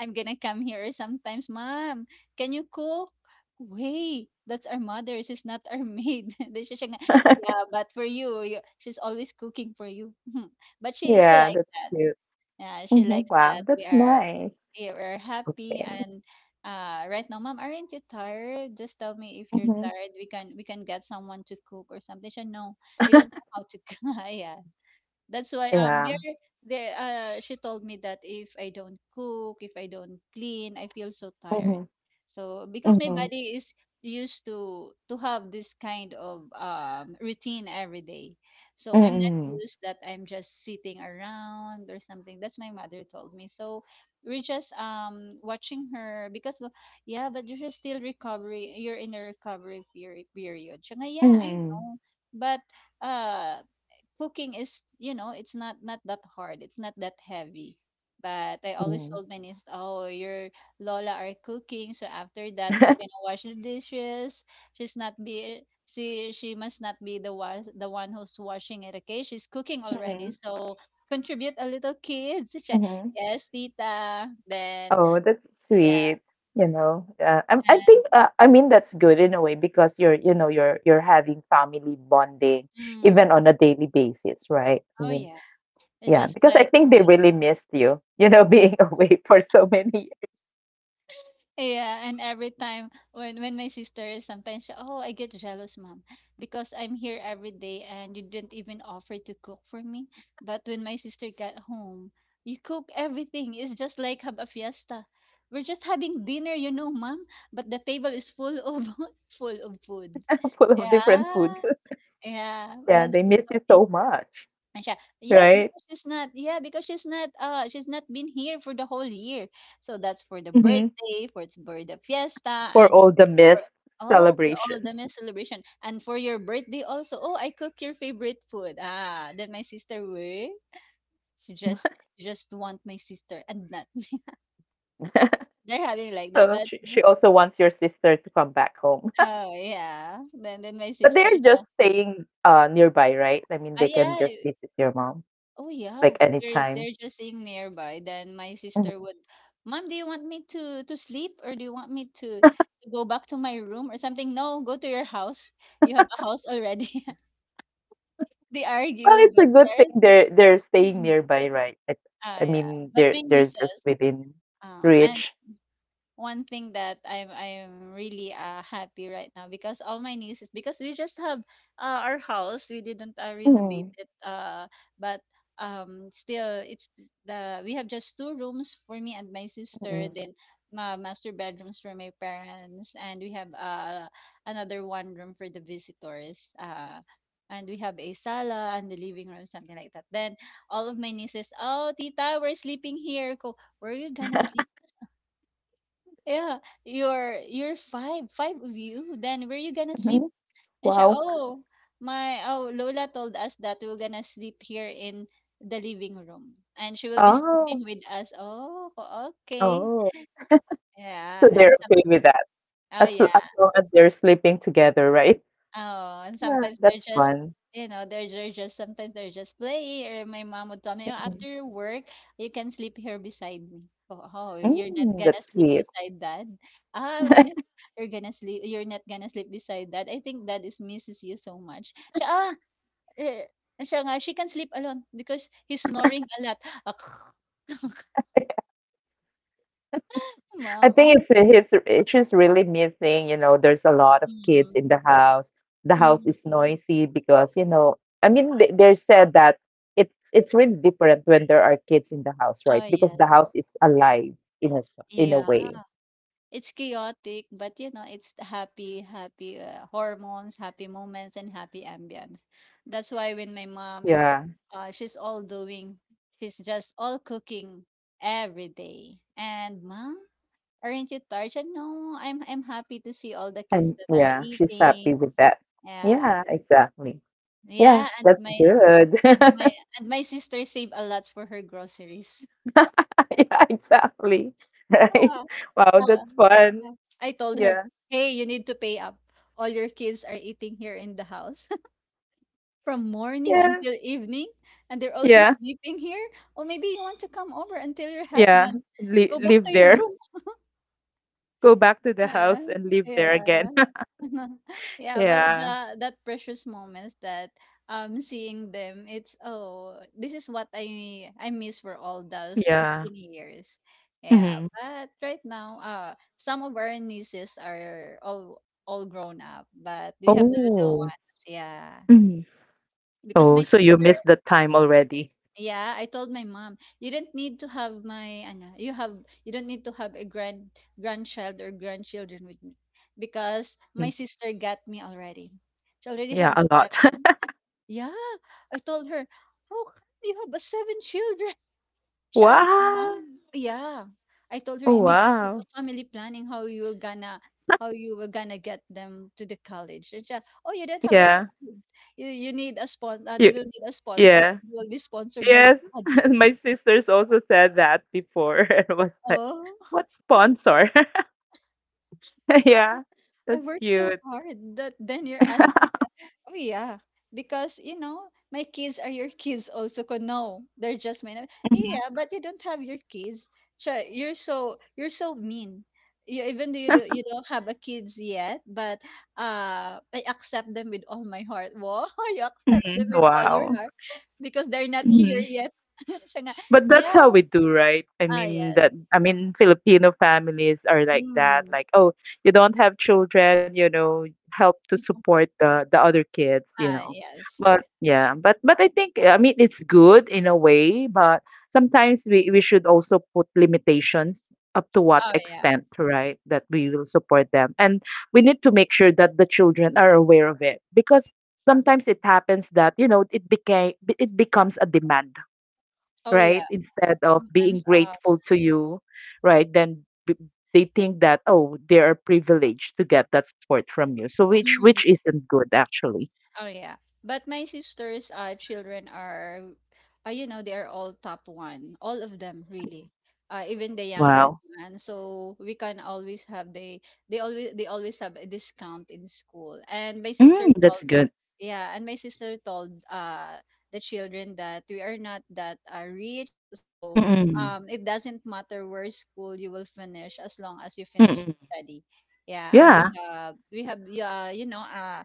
I'm gonna come here sometimes, mom. Can you cook? Wait, that's our mother. She's not our maid. Then siya siya nga, yeah, but for you, you, she's always cooking for you. But she
Yeah,
like.
that's cute.
Yeah, she
Mhm.
likes that.
Wow, that's nice.
We are happy.
Okay.
And right now, mom, aren't you tired? Just tell me if you're
Mhm.
tired. We can get someone to cook or something. She said, no, they don't know how to cook. Yeah. That's why
Yeah.
there there she told me that if I don't cook, if I don't clean, I feel so tired.
Mhm.
So because my
Mhm.
body is used to have this kind of routine every day. So I'm not
Mm.
used that I'm just sitting around or something. That's my mother told me. So we're just watching her because yeah, but you're just still recovery. You're in a recovery period. Siya nga, yeah, I
Mm.
know. But uh cooking is, you know, it's not that hard. It's not that heavy. But I always
Mhm.
told my niece, "Oh, your Lola are cooking, so after that, who's gonna wash the dishes? She must not be the one who's washing it. Okay, she's cooking already,
Mhm.
so contribute a little, kids." She,
Mhm.
yes, tita. Then
Oh, that's
yeah,
sweet. You know, I
and
think I mean that's good in a way because you're having family bonding
mm,
even on a daily basis, right? I
oh
mean,
yeah, it's
yeah,
just
because I
like.
think they really missed you, you know, being away for so many years,
Yeah, and every time when my sister is sometimes she, oh, I get jealous, mom, because I'm here every day and you didn't even offer to cook for me. But when my sister got home, you cook everything. It's just like have a fiesta. We're just having dinner, you know, mom, but the table is full of full of food.
full of different
Yeah.
foods.
Yeah,
Yeah,
when she
they
will
miss you
come
so much.
and siya, yes,
Right?
because she's not, yeah, because she's not been here for the whole year. So that's for the
Mm-hmm.
birthday, for it's birthday fiesta,
For
and
all the
for
missed
oh, for all
celebrations.
the meal celebration, and for your birthday also. Oh, I cook your favorite food. Ah, then my sister will. She just, she just want my sister and not me. They're having like that,
So
but
she also wants your sister to come back home.
oh yeah. Then my
But
sister,
they're just
siya,
staying nearby, right? I mean,
oh
they can just
yeah.
visit your mom
Oh yeah,
like
they're
anytime.
just staying nearby. Then my
Hmm.
sister would, mom, do you want me to sleep or do you want me to go back to my room or something? No, go to your house. You have a house already. They
Well,
argue,
it's a
but
good thing
there's
they're staying nearby, right? It,
ah
I
yeah.
mean,
But
they're
my
they're just
nieces,
within
and
reach.
one thing that I'm really happy right now because all my nieces, because we just have our house, we didn't renovate
Hmm.
it, but still it's the we have just two rooms for me and my
Hmm.
sister, then my master bedrooms for my parents, and we have another one room for the visitors, and we have a sala and the living room, something like that. Then all of my nieces, oh tita, we're sleeping here ko, where are you gonna sleep? Yeah, you're five of you. Then where you gonna sleep?
Hmm.
And siya,
Wow.
oh, my, oh, Lola told us that we're gonna sleep here in the living room, and she will be
Oh,
sleeping with us. Oh, okay.
oh.
Yeah,
So
and
they're
some,
okay with that.
oh yeah.
As long as they're sleeping together, right?
Oh, and
Yeah,
sometimes they're
that's
just,
fun.
you know, they're just, sometimes they're just playing, or my mom would tell me, oh, after work, you can sleep here beside me. Oh, oh, you're not
Mm,
gonna
that's
sleep
sweet.
beside dad. Ah, I'm gonna, you're gonna sleep, you're not gonna sleep beside dad. I think dad is misses you so much. Siya, ah, eh, siya nga, she can sleep alone because he's snoring a lot. Ah,
I
mom,
think
oh,
it's his it's just really missing, you know, there's a lot of kids
mm,
in the house. The house
mm,
is
mm.
noisy because, you know, I mean they said that it's really different when there are kids in the house, right?
Oh
Because
yes.
the house is alive in in a
Yeah.
way.
It's chaotic, but you know, it's the happy, happy hormones, happy moments, and happy ambience. That's why when my mom is,
Yeah.
uh, she's all doing, she's just all cooking every day. And mom, aren't you tired? She said, no, I'm happy to see all the kids
And
that are
yeah, she's happy
eating.
with that.
Yeah,
Yeah, exactly. Yeah,
yeah,
that's good.
and my and my sister saved a lot for her groceries.
Yeah, exactly. Right. Wow,
Uh,
that's fun.
uh, I told her,
Yeah.
"Hey, you need to pay up. All your kids are eating here in the house from morning
Yeah.
until evening, and they're also
Yeah.
sleeping here. Or maybe you want to come over until your
Yeah,
husband
li
go back
live
to your
there.
room."
Go back to the
Yeah,
house and live there
yeah.
again.
Yeah, but
Yeah,
the that precious moments that seeing them, it's oh, this is what I miss for all those
yeah.
15 years. Yeah,
Hmm.
but right now, some of our nieces are all grown up, but we have the little
Oh,
ones. Yeah,
hmm.
because
Oh,
my
so you missed the time already.
yeah, I told my mom, you don't need to have my ano, you have you don't need to have a grandchild or grandchildren with me because my
Mm.
sister got me already. She already
Yeah,
had
a lot.
seven. Yeah, I told her, how come you have a seven children? Siya, you know.
Wow.
Yeah, I told her
Oh,
you need to do a
wow.
family planning, how you were gonna get them to the college. And she, oh, you don't have a
Yeah.
child. You need a sponsor. They
You,
will need a sponsor.
yeah.
You will be sponsored by
Yes.
dad.
My sisters also said that before. It was like,
Oh,
what sponsor? Yeah,
I
that's
work so
cute.
hard that then you're asking me. Oh, yeah. Because, you know, my kids are your kids also. 'Cause no, they're just mine.
Hmm.
Yeah, but you don't have your kids. Siya, you're so you're so mean. You, even though you, do, you don't have a kids yet, but I accept them with all my heart. Wow, you accept them
Hmm.
with all your
Wow.
heart because they're not here
Mhm.
yet. Siya nga,
But that's how
yeah.
we do, right? I
Ah,
mean
yes.
that I mean Filipino families are like that,
Mm.
like, oh, you don't have children, you know, help to support the other kids, you
Ah,
know.
yes.
But yeah, but I think I mean it's good in a way, but sometimes we should also put limitations up to what
Oh, yeah.
extent, right? That we will support them. And we need to make sure that the children are aware of it because sometimes it happens that, you know, it becomes a demand
Oh,
right?
yeah.
Instead of being
Sometimes,
grateful to you, right? Then they think that, oh, they are privileged to get that support from you. So which
mm,
isn't good actually.
oh yeah. But my sister's children are, you know, they are all top one, all of them
Mm-hmm.
really. Even the younger
Wow.
one. So we can always have they they always have a discount in school. And my sister is
Mm, that's good.
yeah, and my sister told the children that we are not that rich, so
Mm-mm.
it doesn't matter where school you will finish, as long as you finish
Mm-mm.
your study. Yeah, and we
Yeah.
have yeah, you know,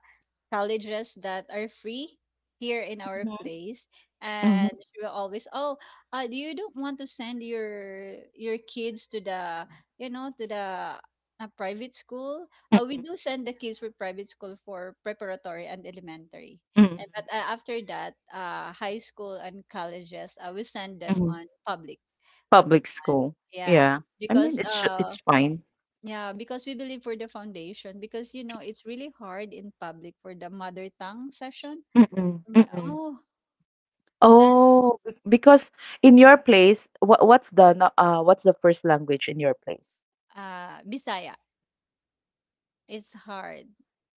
colleges that are free here in our
Mm-hmm.
place, and
Hmm.
she will always oh do you don't want to send your kids to the, you know, to the a private school. Uh, we
Mm-mm.
do send the kids for private school for preparatory and elementary,
Mm-mm.
and but after that high school and colleges, I will send them
Mm-hmm.
on public public
Public
one.
school.
Yeah,
Yeah. I
because
mean, it's fine.
yeah, because we believe for the foundation, because you know it's really hard in public for the mother tongue session.
Mm-mm.
Ma-
Mm-mm.
oh, then
Oh, be because in your place, what's the first language in your place?
Bisaya, it's hard.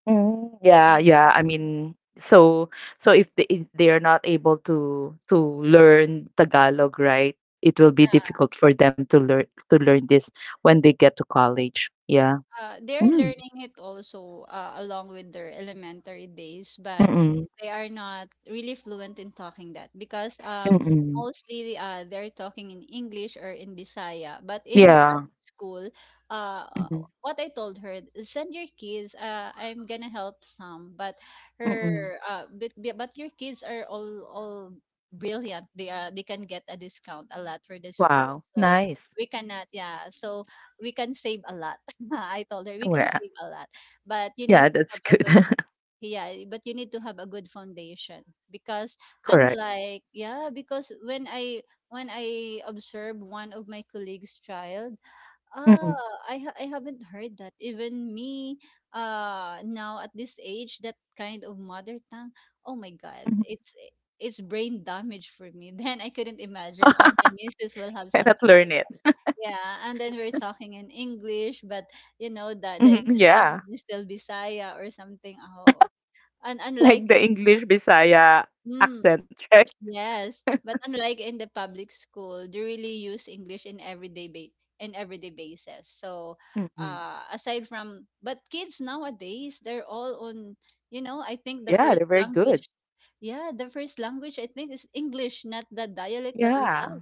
Mm, yeah, yeah. I mean, so so if they are not able to learn Tagalog, right? It will be difficult for them to learn this when they get to college. Yeah.
Uh, they're
Mm.
learning it also along with their elementary days, but
Mm-mm.
they are not really fluent in talking that because
Mm-mm.
mostly they're talking in English or in Bisaya. But in
Yeah.
private school, uh,
Mm-mm.
what I told her, send your kids. I'm gonna help some, but
Mm-mm.
her, uh, but, but your kids are all brilliant. They are they can get a discount a lot for the school,
Wow.
so
Nice.
we cannot. Yeah, so we can save a lot. I told her we can
Well,
save a lot, but you need
yeah,
to have
that's
a
good.
good yeah, eh, but you need to have a good foundation because
Correct.
unlike yeah, because when I observe one of my colleagues' child,
Mm-mm.
ah, I haven't heard that even me, now at this age, that kind of mother tongue. Oh my God,
Mhm.
it's brain damage for me. Then I couldn't imagine all my nieces will have
Cannot
something
learn
like
it.
yeah, and then we're talking in English, but you know
Mhm.
the
Yeah.
intonation is still Bisaya or something. Oh, and unlike
Like the
in,
English Bisaya
mm,
accent, right?
yes, but unlike in the public school, they really use English in everyday ba in everyday basis. So,
Mm-mm.
aside from but kids nowadays, they're all on. You know, I think the
Yeah, they're
first
very good.
language, yeah, the first language I think is English, not the dialect that we
Yeah.
have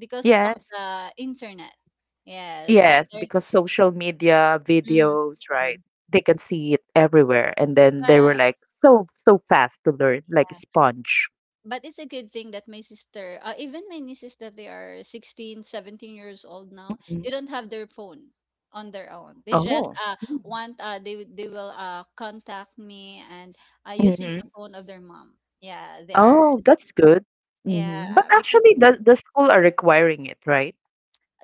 because of
Yes.
the internet. Yes, and
Yes,
they're
because social media
mm.
videos, right?
Mm.
They can see it everywhere. And then they were
But
like so, so fast to learn, like a
yeah,
sponge.
but it's a good thing that my sister, even my nieces that they are 16, 17 years old now,
Mm.
they don't have their phone on their own. They just
Oh.
want they will contact me and using the
Mm-hmm.
phone of their mom. Yeah, they are.
Oh, that's good. Mm-hmm. But
Yeah, because
actually, the school are requiring it, right?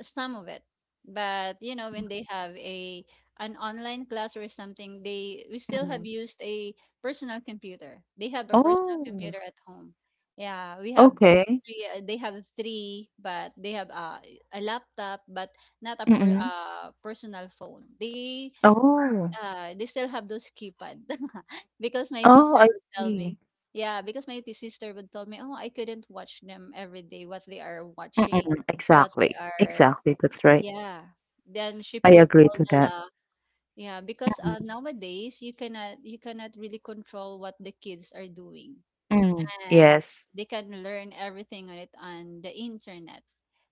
some of it, but you know when they have a an online class or something, they we still
Mm-hmm.
have used a personal computer. They have a personal
Oh,
computer at home. Yeah, we have
okay.
three, they have three, but they have a laptop, but not a per,
Mm-hmm.
personal phone. They
Oh,
they still have those keypad because my
oh,
sister
I
would tell
see.
me, yeah because sister would tell me, oh I couldn't watch them every day what they are watching,
Mm-mm.
what
Exactly.
they are,
Exactly. That's right.
yeah. Then she
I
put
agree
all
to
the
that.
la. Yeah, because
Mm-hmm.
nowadays you cannot really control what the kids are doing,
Mm.
and
Yes.
they can learn everything on it, on the internet.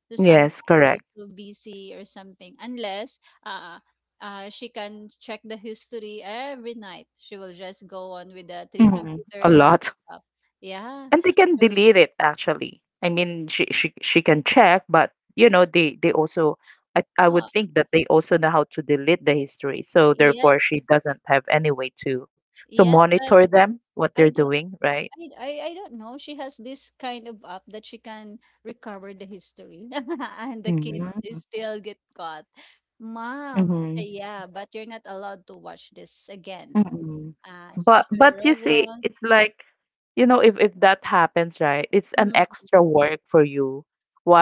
So
Yes,
sometimes she's
correct.
so busy or something, unless uh, she can check the history every night. She will just go on with the three
Mhm.
computer
A
and the
lot.
laptop. Yeah,
And they can
she will.
delete it actually. I mean, she can check, but you know, they also I would
Oh,
think that they also know how to delete the history. So
yes,
therefore she doesn't have any way to
yes, but
monitor them, what they're
I do.
doing, right?
I don't know. She has this kind of app that she can recover the history, and the kids they
Mhm.
still get caught. Mom,
Mhm.
say yeah, but you're not allowed to watch this again.
Mm.
Especially
But you see,
Roblox.
it's like, you know, if that happens, right, it's an
Mm.
extra work for you.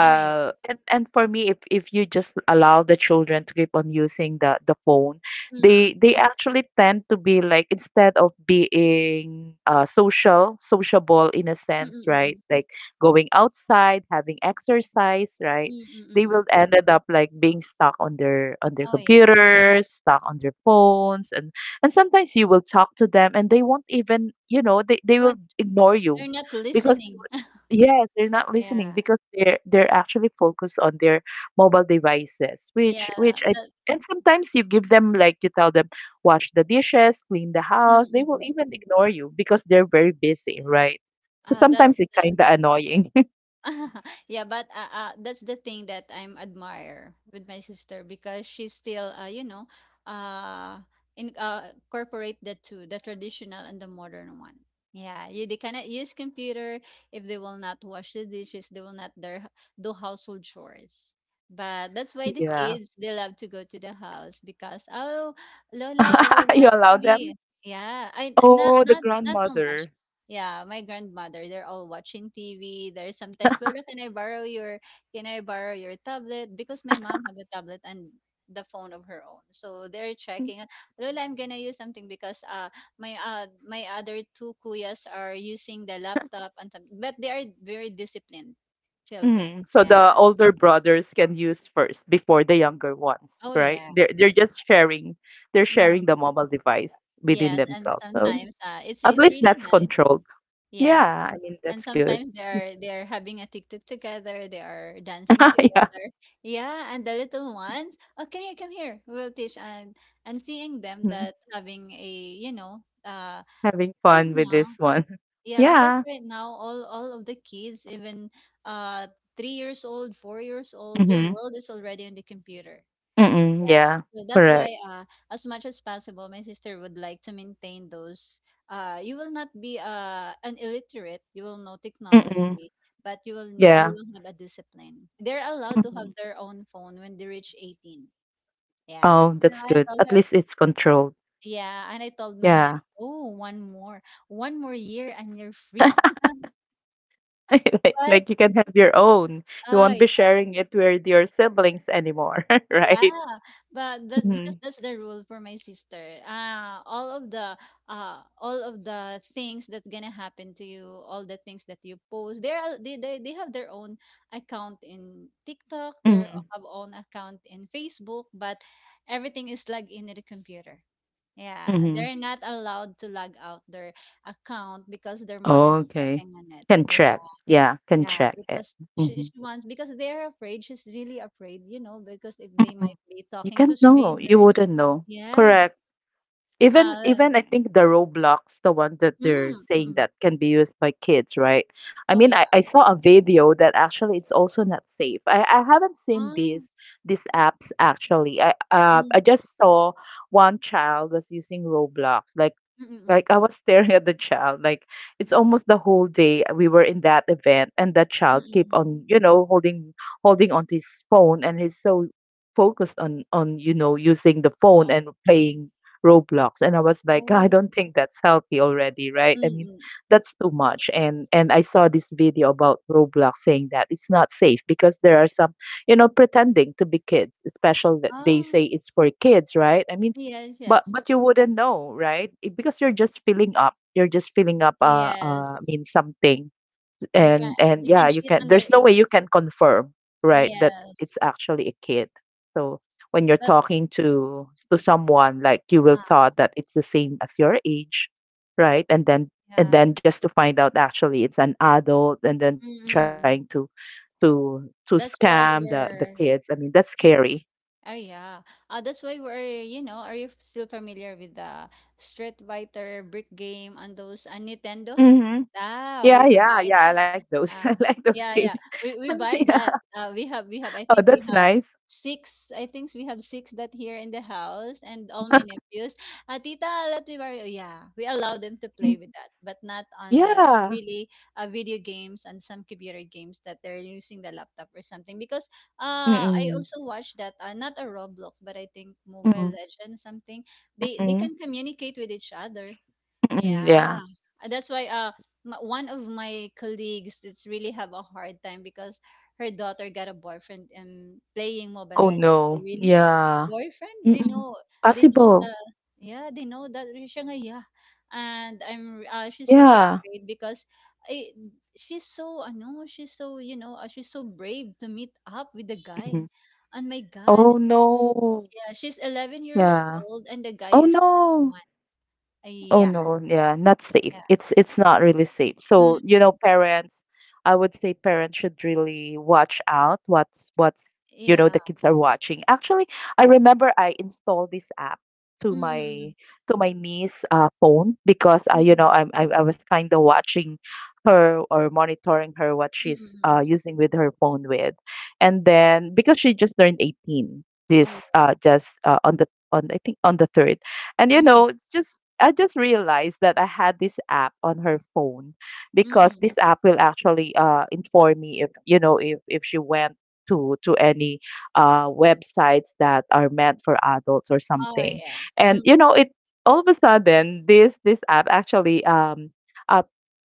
Oh yeah.
and for me, if you just allow the children to keep on using the phone,
Mm.
they actually tend to be like instead of being social, sociable in a
Mm,
sense,
mm, mm,
right?
mm.
Like going outside, having exercise, right?
Mm, mm,
They
mm, mm.
will ended up like being stuck on their
Oh yeah.
computers, stuck on their phones, and sometimes you will talk to them and they won't even, you know, they
They
will
want.
ignore
They're
you
not
because they
listening.
would, yes, they're not listening
Yeah.
because they're actually focused on their mobile devices,
Yeah.
which I
That.
and sometimes you give them like you tell them wash the dishes, clean the
Mm,
house, they
mm,
will
mm.
even ignore you because they're very busy, right? So
That.
sometimes it's kind of annoying.
Yeah, but that's the thing that I'm admire with my sister because she's still, you know, uh, in incorporate the two, the traditional and the modern one. Yeah, you they cannot use computer if they will not wash the dishes, they will not their, do household chores. But that's why the
Yeah.
kids they love to go to the house because oh, Lola, we
You
watch
allow them?
TV. Yeah, I not
Oh, the
not so much.
grandmother.
Yeah, my grandmother, they're all watching TV. There's sometimes, Lola, can I borrow your, can I borrow your tablet? Because my mom have a tablet and the phone of her own. So they're checking. Lola, I'm gonna use something because my other two kuyas are using the laptop and some, but they are very disciplined children.
Mhm. So
Yeah.
the older brothers can use first before the younger ones,
Oh
right?
yeah.
They're sharing the
Mm.
mobile device within
Yes, and
themselves. So
sometimes
at
it's
least
really
that's
nice.
controlled.
Yeah.
Yeah, I mean
And
that's good.
sometimes they are having a TikTok together, they are dancing
Yeah.
together. Yeah, and the little ones, oh come here, we'll teach and seeing them
Mhm.
that having a
Having
because
fun with
now,
this one.
yeah, because
Yeah.
right now all of the kids, even uh 3 years old, 4 years old, their
Mm-hmm.
world is already on the computer.
Mm-mm.
Yeah,
Yeah.
so that's why
Correct.
as much as possible my sister would like to maintain those. You will not be an illiterate, you will know
Mm-mm.
technology, but you
Yeah.
will have a discipline. They're allowed to have
Mm.
their own phone when they reach 18. Yeah.
Oh,
Yeah,
that's
I
good.
told
At
her,
least it's controlled.
yeah, and I told my nephew,
Yeah.
oh, one more. One more year and you're free. but
Like you can have your own. You
uh
won't be sharing it with your siblings anymore,
Yeah,
right?
but
Mhm,
that's the rule for my sister. All of the things that's gonna happen to you, all the things that you post, they have their own account in TikTok. They
mhm,
have own account in Facebook, but everything is logged in at the computer. Yeah,
mhm.
they're not allowed to log out their account because their mom is
Okay.
checking on it.
Can check. Yeah, can
Yeah,
check it.
because
Mhm,
she wants, because they're afraid. She's really afraid, you know, because if they
mhm.
might be
You
talking to
can't know. You
strangers.
wouldn't know.
Yeah.
Correct. Even
Uh.
even I think the Roblox, the one that
Mm,
they're
mm,
saying
mm.
that can be used by kids, right? I
Oh
mean, I,
yeah.
I saw a video that actually it's also not safe. I haven't seen
Ah.
these apps actually. I
Mm.
just saw one child was using Roblox,
Mm. Mm.
like I was staring at the child. Like it's almost the whole day we were in that event, and that
Mm. Mm.
child keep
Mm. Mm.
on, you know, holding on to his phone, and he's so focused on you know using the phone
Oh.
and playing Roblox. And I was like, I
Oh.
don't think that's healthy already, right?
Mm.
I mean,
Mm.
that's too much. And I saw this video about Roblox saying that it's not safe because there are some, pretending to be kids, especially that they
Ah.
say it's for kids, right? I mean,
Yes. Yes.
but you wouldn't know, right? It, because you're just filling up. You're just filling up
Yes.
I mean something.
Because
And
you
yeah,
can
you
cheat
can there's no
underage.
way you can confirm, right, that
Yes.
it's actually a kid. So when you're
That's.
talking to someone, like you will
Ah.
thought that it's the same as your age, right? And then and
Yeah.
then just to find out actually it's an adult and then
Mm. Mm,
trying to
mm, mm.
to to scam
That's
the
why
the kids. I mean,
we're.
that's scary.
Oh yeah. That's why we're, you know, are you still familiar with the Street Fighter brick game and those on Nintendo?
Mm-hmm.
Ah,
Yeah,
we
yeah,
buy
yeah, I
that.
like those. I
Ah,
like those
yeah,
games.
yeah. We
And
buy
yeah.
that. We have I
Oh,
think we
that's
have
nice.
six. I think we have six that here in the house, and all my nephews. Tita, let me borrow. Yeah, we allow them to
Mm,
play with that, but not on the
yeah.
really, video games and some computer games that they're using the laptop or something, because I
Mm-mm.
also watched that, not a Roblox, but I think Mobile
Mm-mm.
Legends something. They
Mm-mm.
can communicate with each other.
Mm-mm.
Yeah,
Yeah.
and that's why one of my colleagues it's really have a hard time because her daughter got a boyfriend and playing Mobile
Oh
Legends. Oh,
no.
really?
Yeah.
Boyfriend?
Mm-mm.
They know
Possible.
the, yeah, they know that siya nga, yeah. And she's
Yeah.
really afraid because I, she's so ano, she's so, you know, she's so brave to meet up with the
Mhm.
guy. And my God,
Oh no.
she's, yeah, she's 11 years
Yeah.
old and the
Oh
guy is
no.
21.
Oh
Yeah.
no, yeah, not safe.
Yeah.
It's not really safe. So,
Mm,
parents, I would say parents should really watch out what's what's you know
yeah.
the kids are watching. Actually, I remember I installed this app to my
Mm,
to my niece phone because I you
mm,
know I'm I was kind of watching her or monitoring her what
mm,
she's
mm, mm.
using with her phone with, and then because she just turned 18 this
Oh.
just on the on I think on the third. And you
Mm,
know, just I just realized that I had this app on her phone because
mm.
this app will actually inform me if you know if she went to any websites that are meant for adults or
Oh,
something.
yeah.
And
Mm,
you know, it all of a sudden this app actually uh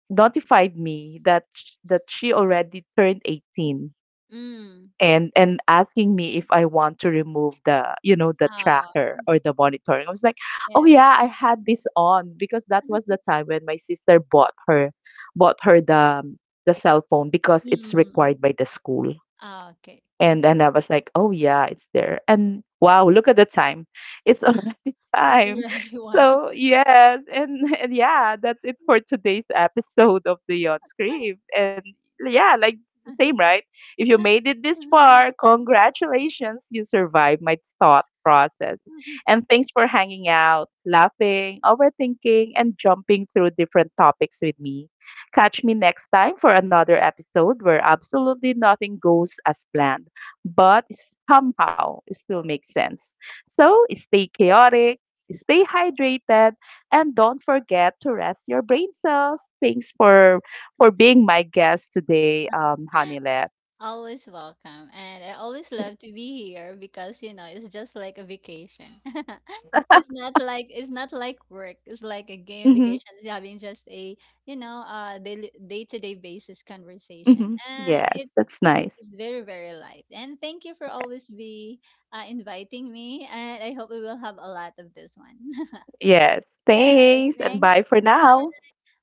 notified me that that she already turned 18,
mm.
and asking me if I want to remove the you know the
Oh,
tracker or the monitoring. I was like, oh
yeah.
yeah, I had this on because that was the time when my sister bought her the cell phone because it's
Mm.
required by the school.
Ah, okay.
And then I was like, oh yeah, it's there. And wow, look at the time. It's already
It's
time.
already one.
So yes, and yeah, that's it for today's episode of the On Screen. And yeah, like the same, right? If you made it this far, congratulations, you survived my thought process. And thanks for hanging out, laughing, overthinking, and jumping through different topics with me. Catch me next time for another episode where absolutely nothing goes as planned but somehow it still makes sense. So stay chaotic, stay hydrated, and don't forget to rest your brain cells. Thanks for being my guest today, Hanile.
Always welcome. And I always love to be here because, you know, it's just like a vacation. It's not like work. It's like a game
Mm-hmm,
vacation. It's having just a, you know, daily day-to-day basis conversation.
mm-hmm.
And
Yes,
it
that's nice.
is very, very light. And thank you for
Yeah.
always be inviting me. And I hope we will have a lot of this one.
Yes,
Yes,
thanks and
thank you.
bye for
Bye.
now.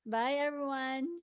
Bye everyone.